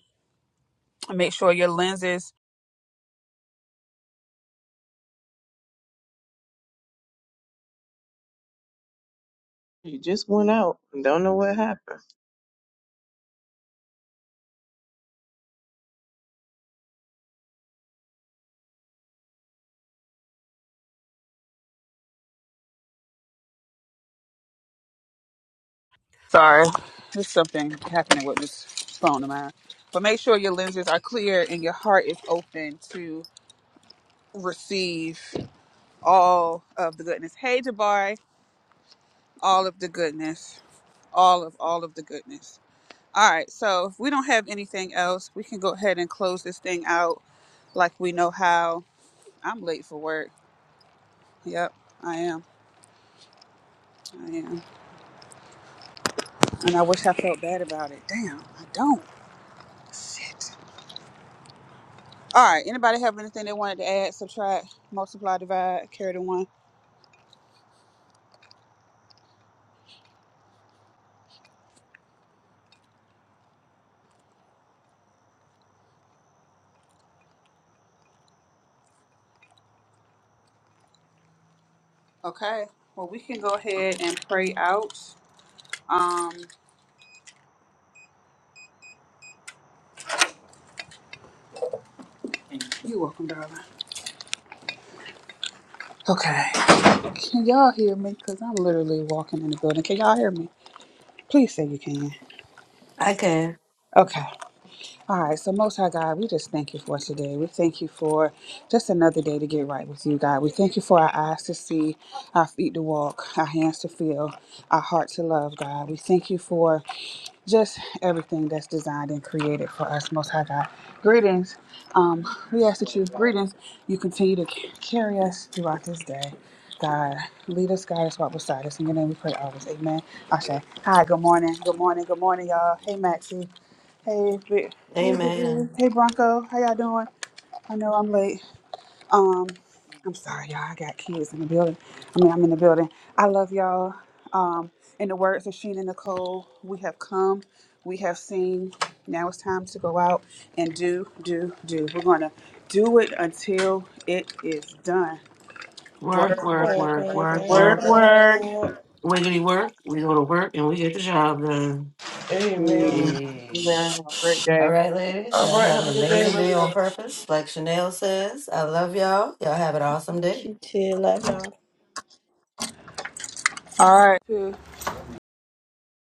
[SPEAKER 2] Make sure your lenses.
[SPEAKER 4] You just went out and don't know what happened.
[SPEAKER 2] Sorry, there's something happening with this phone of mine. But make sure your lenses are clear and your heart is open to receive all of the goodness. Hey, Jabari, all of the goodness, all of all of the goodness. All right. So if we don't have anything else, we can go ahead and close this thing out like we know how. I'm late for work. Yep, I am. I am. And I wish I felt bad about it. Damn, I don't. Shit. All right. Anybody have anything they wanted to add, subtract, multiply, divide, carry the one? Okay. Well, we can go ahead and pray out. Um, you're welcome, darling. Okay. Can y'all hear me? Because I'm literally walking in the building. Can y'all hear me? Please say you can.
[SPEAKER 3] I can.
[SPEAKER 2] Okay. All right, so Most High God, we just thank you for today. We thank you for just another day to get right with you, God. We thank you for our eyes to see, our feet to walk, our hands to feel, our heart to love, God. We thank you for just everything that's designed and created for us, Most High God. Greetings. Um, we ask that you, greetings, you continue to c- carry us throughout this day. God, lead us, guide us, walk beside us. In your name we pray always. Amen. Ashe. Hi, good morning. Good morning. Good morning, y'all. Hey, Maxie. Hey, Bri- hey, Bri-
[SPEAKER 3] Amen.
[SPEAKER 2] hey, Bronco. How y'all doing? I know I'm late. Um, I'm sorry, y'all. I got kids in the building. I mean, I'm in the building. I love y'all. Um, in the words of Sheena Nicole, we have come, we have seen. Now it's time to go out and do, do, do. We're gonna do it until it is done.
[SPEAKER 3] Work,
[SPEAKER 2] Work,
[SPEAKER 3] work,
[SPEAKER 2] work,
[SPEAKER 5] Quack,
[SPEAKER 3] work,
[SPEAKER 2] work,
[SPEAKER 5] quack,
[SPEAKER 2] work,
[SPEAKER 3] work,
[SPEAKER 5] quack,
[SPEAKER 4] Right.
[SPEAKER 1] Word,
[SPEAKER 3] work.
[SPEAKER 2] work.
[SPEAKER 1] word.
[SPEAKER 5] quack.
[SPEAKER 3] Wiggity work. We go to work and we get the job done.
[SPEAKER 4] You
[SPEAKER 3] Yay.
[SPEAKER 4] had a great day.
[SPEAKER 3] All right, ladies. Y'all have an amazing day on purpose. Like Chanel says, I love y'all. Y'all have an awesome day.
[SPEAKER 5] You too. Love y'all.
[SPEAKER 2] All right.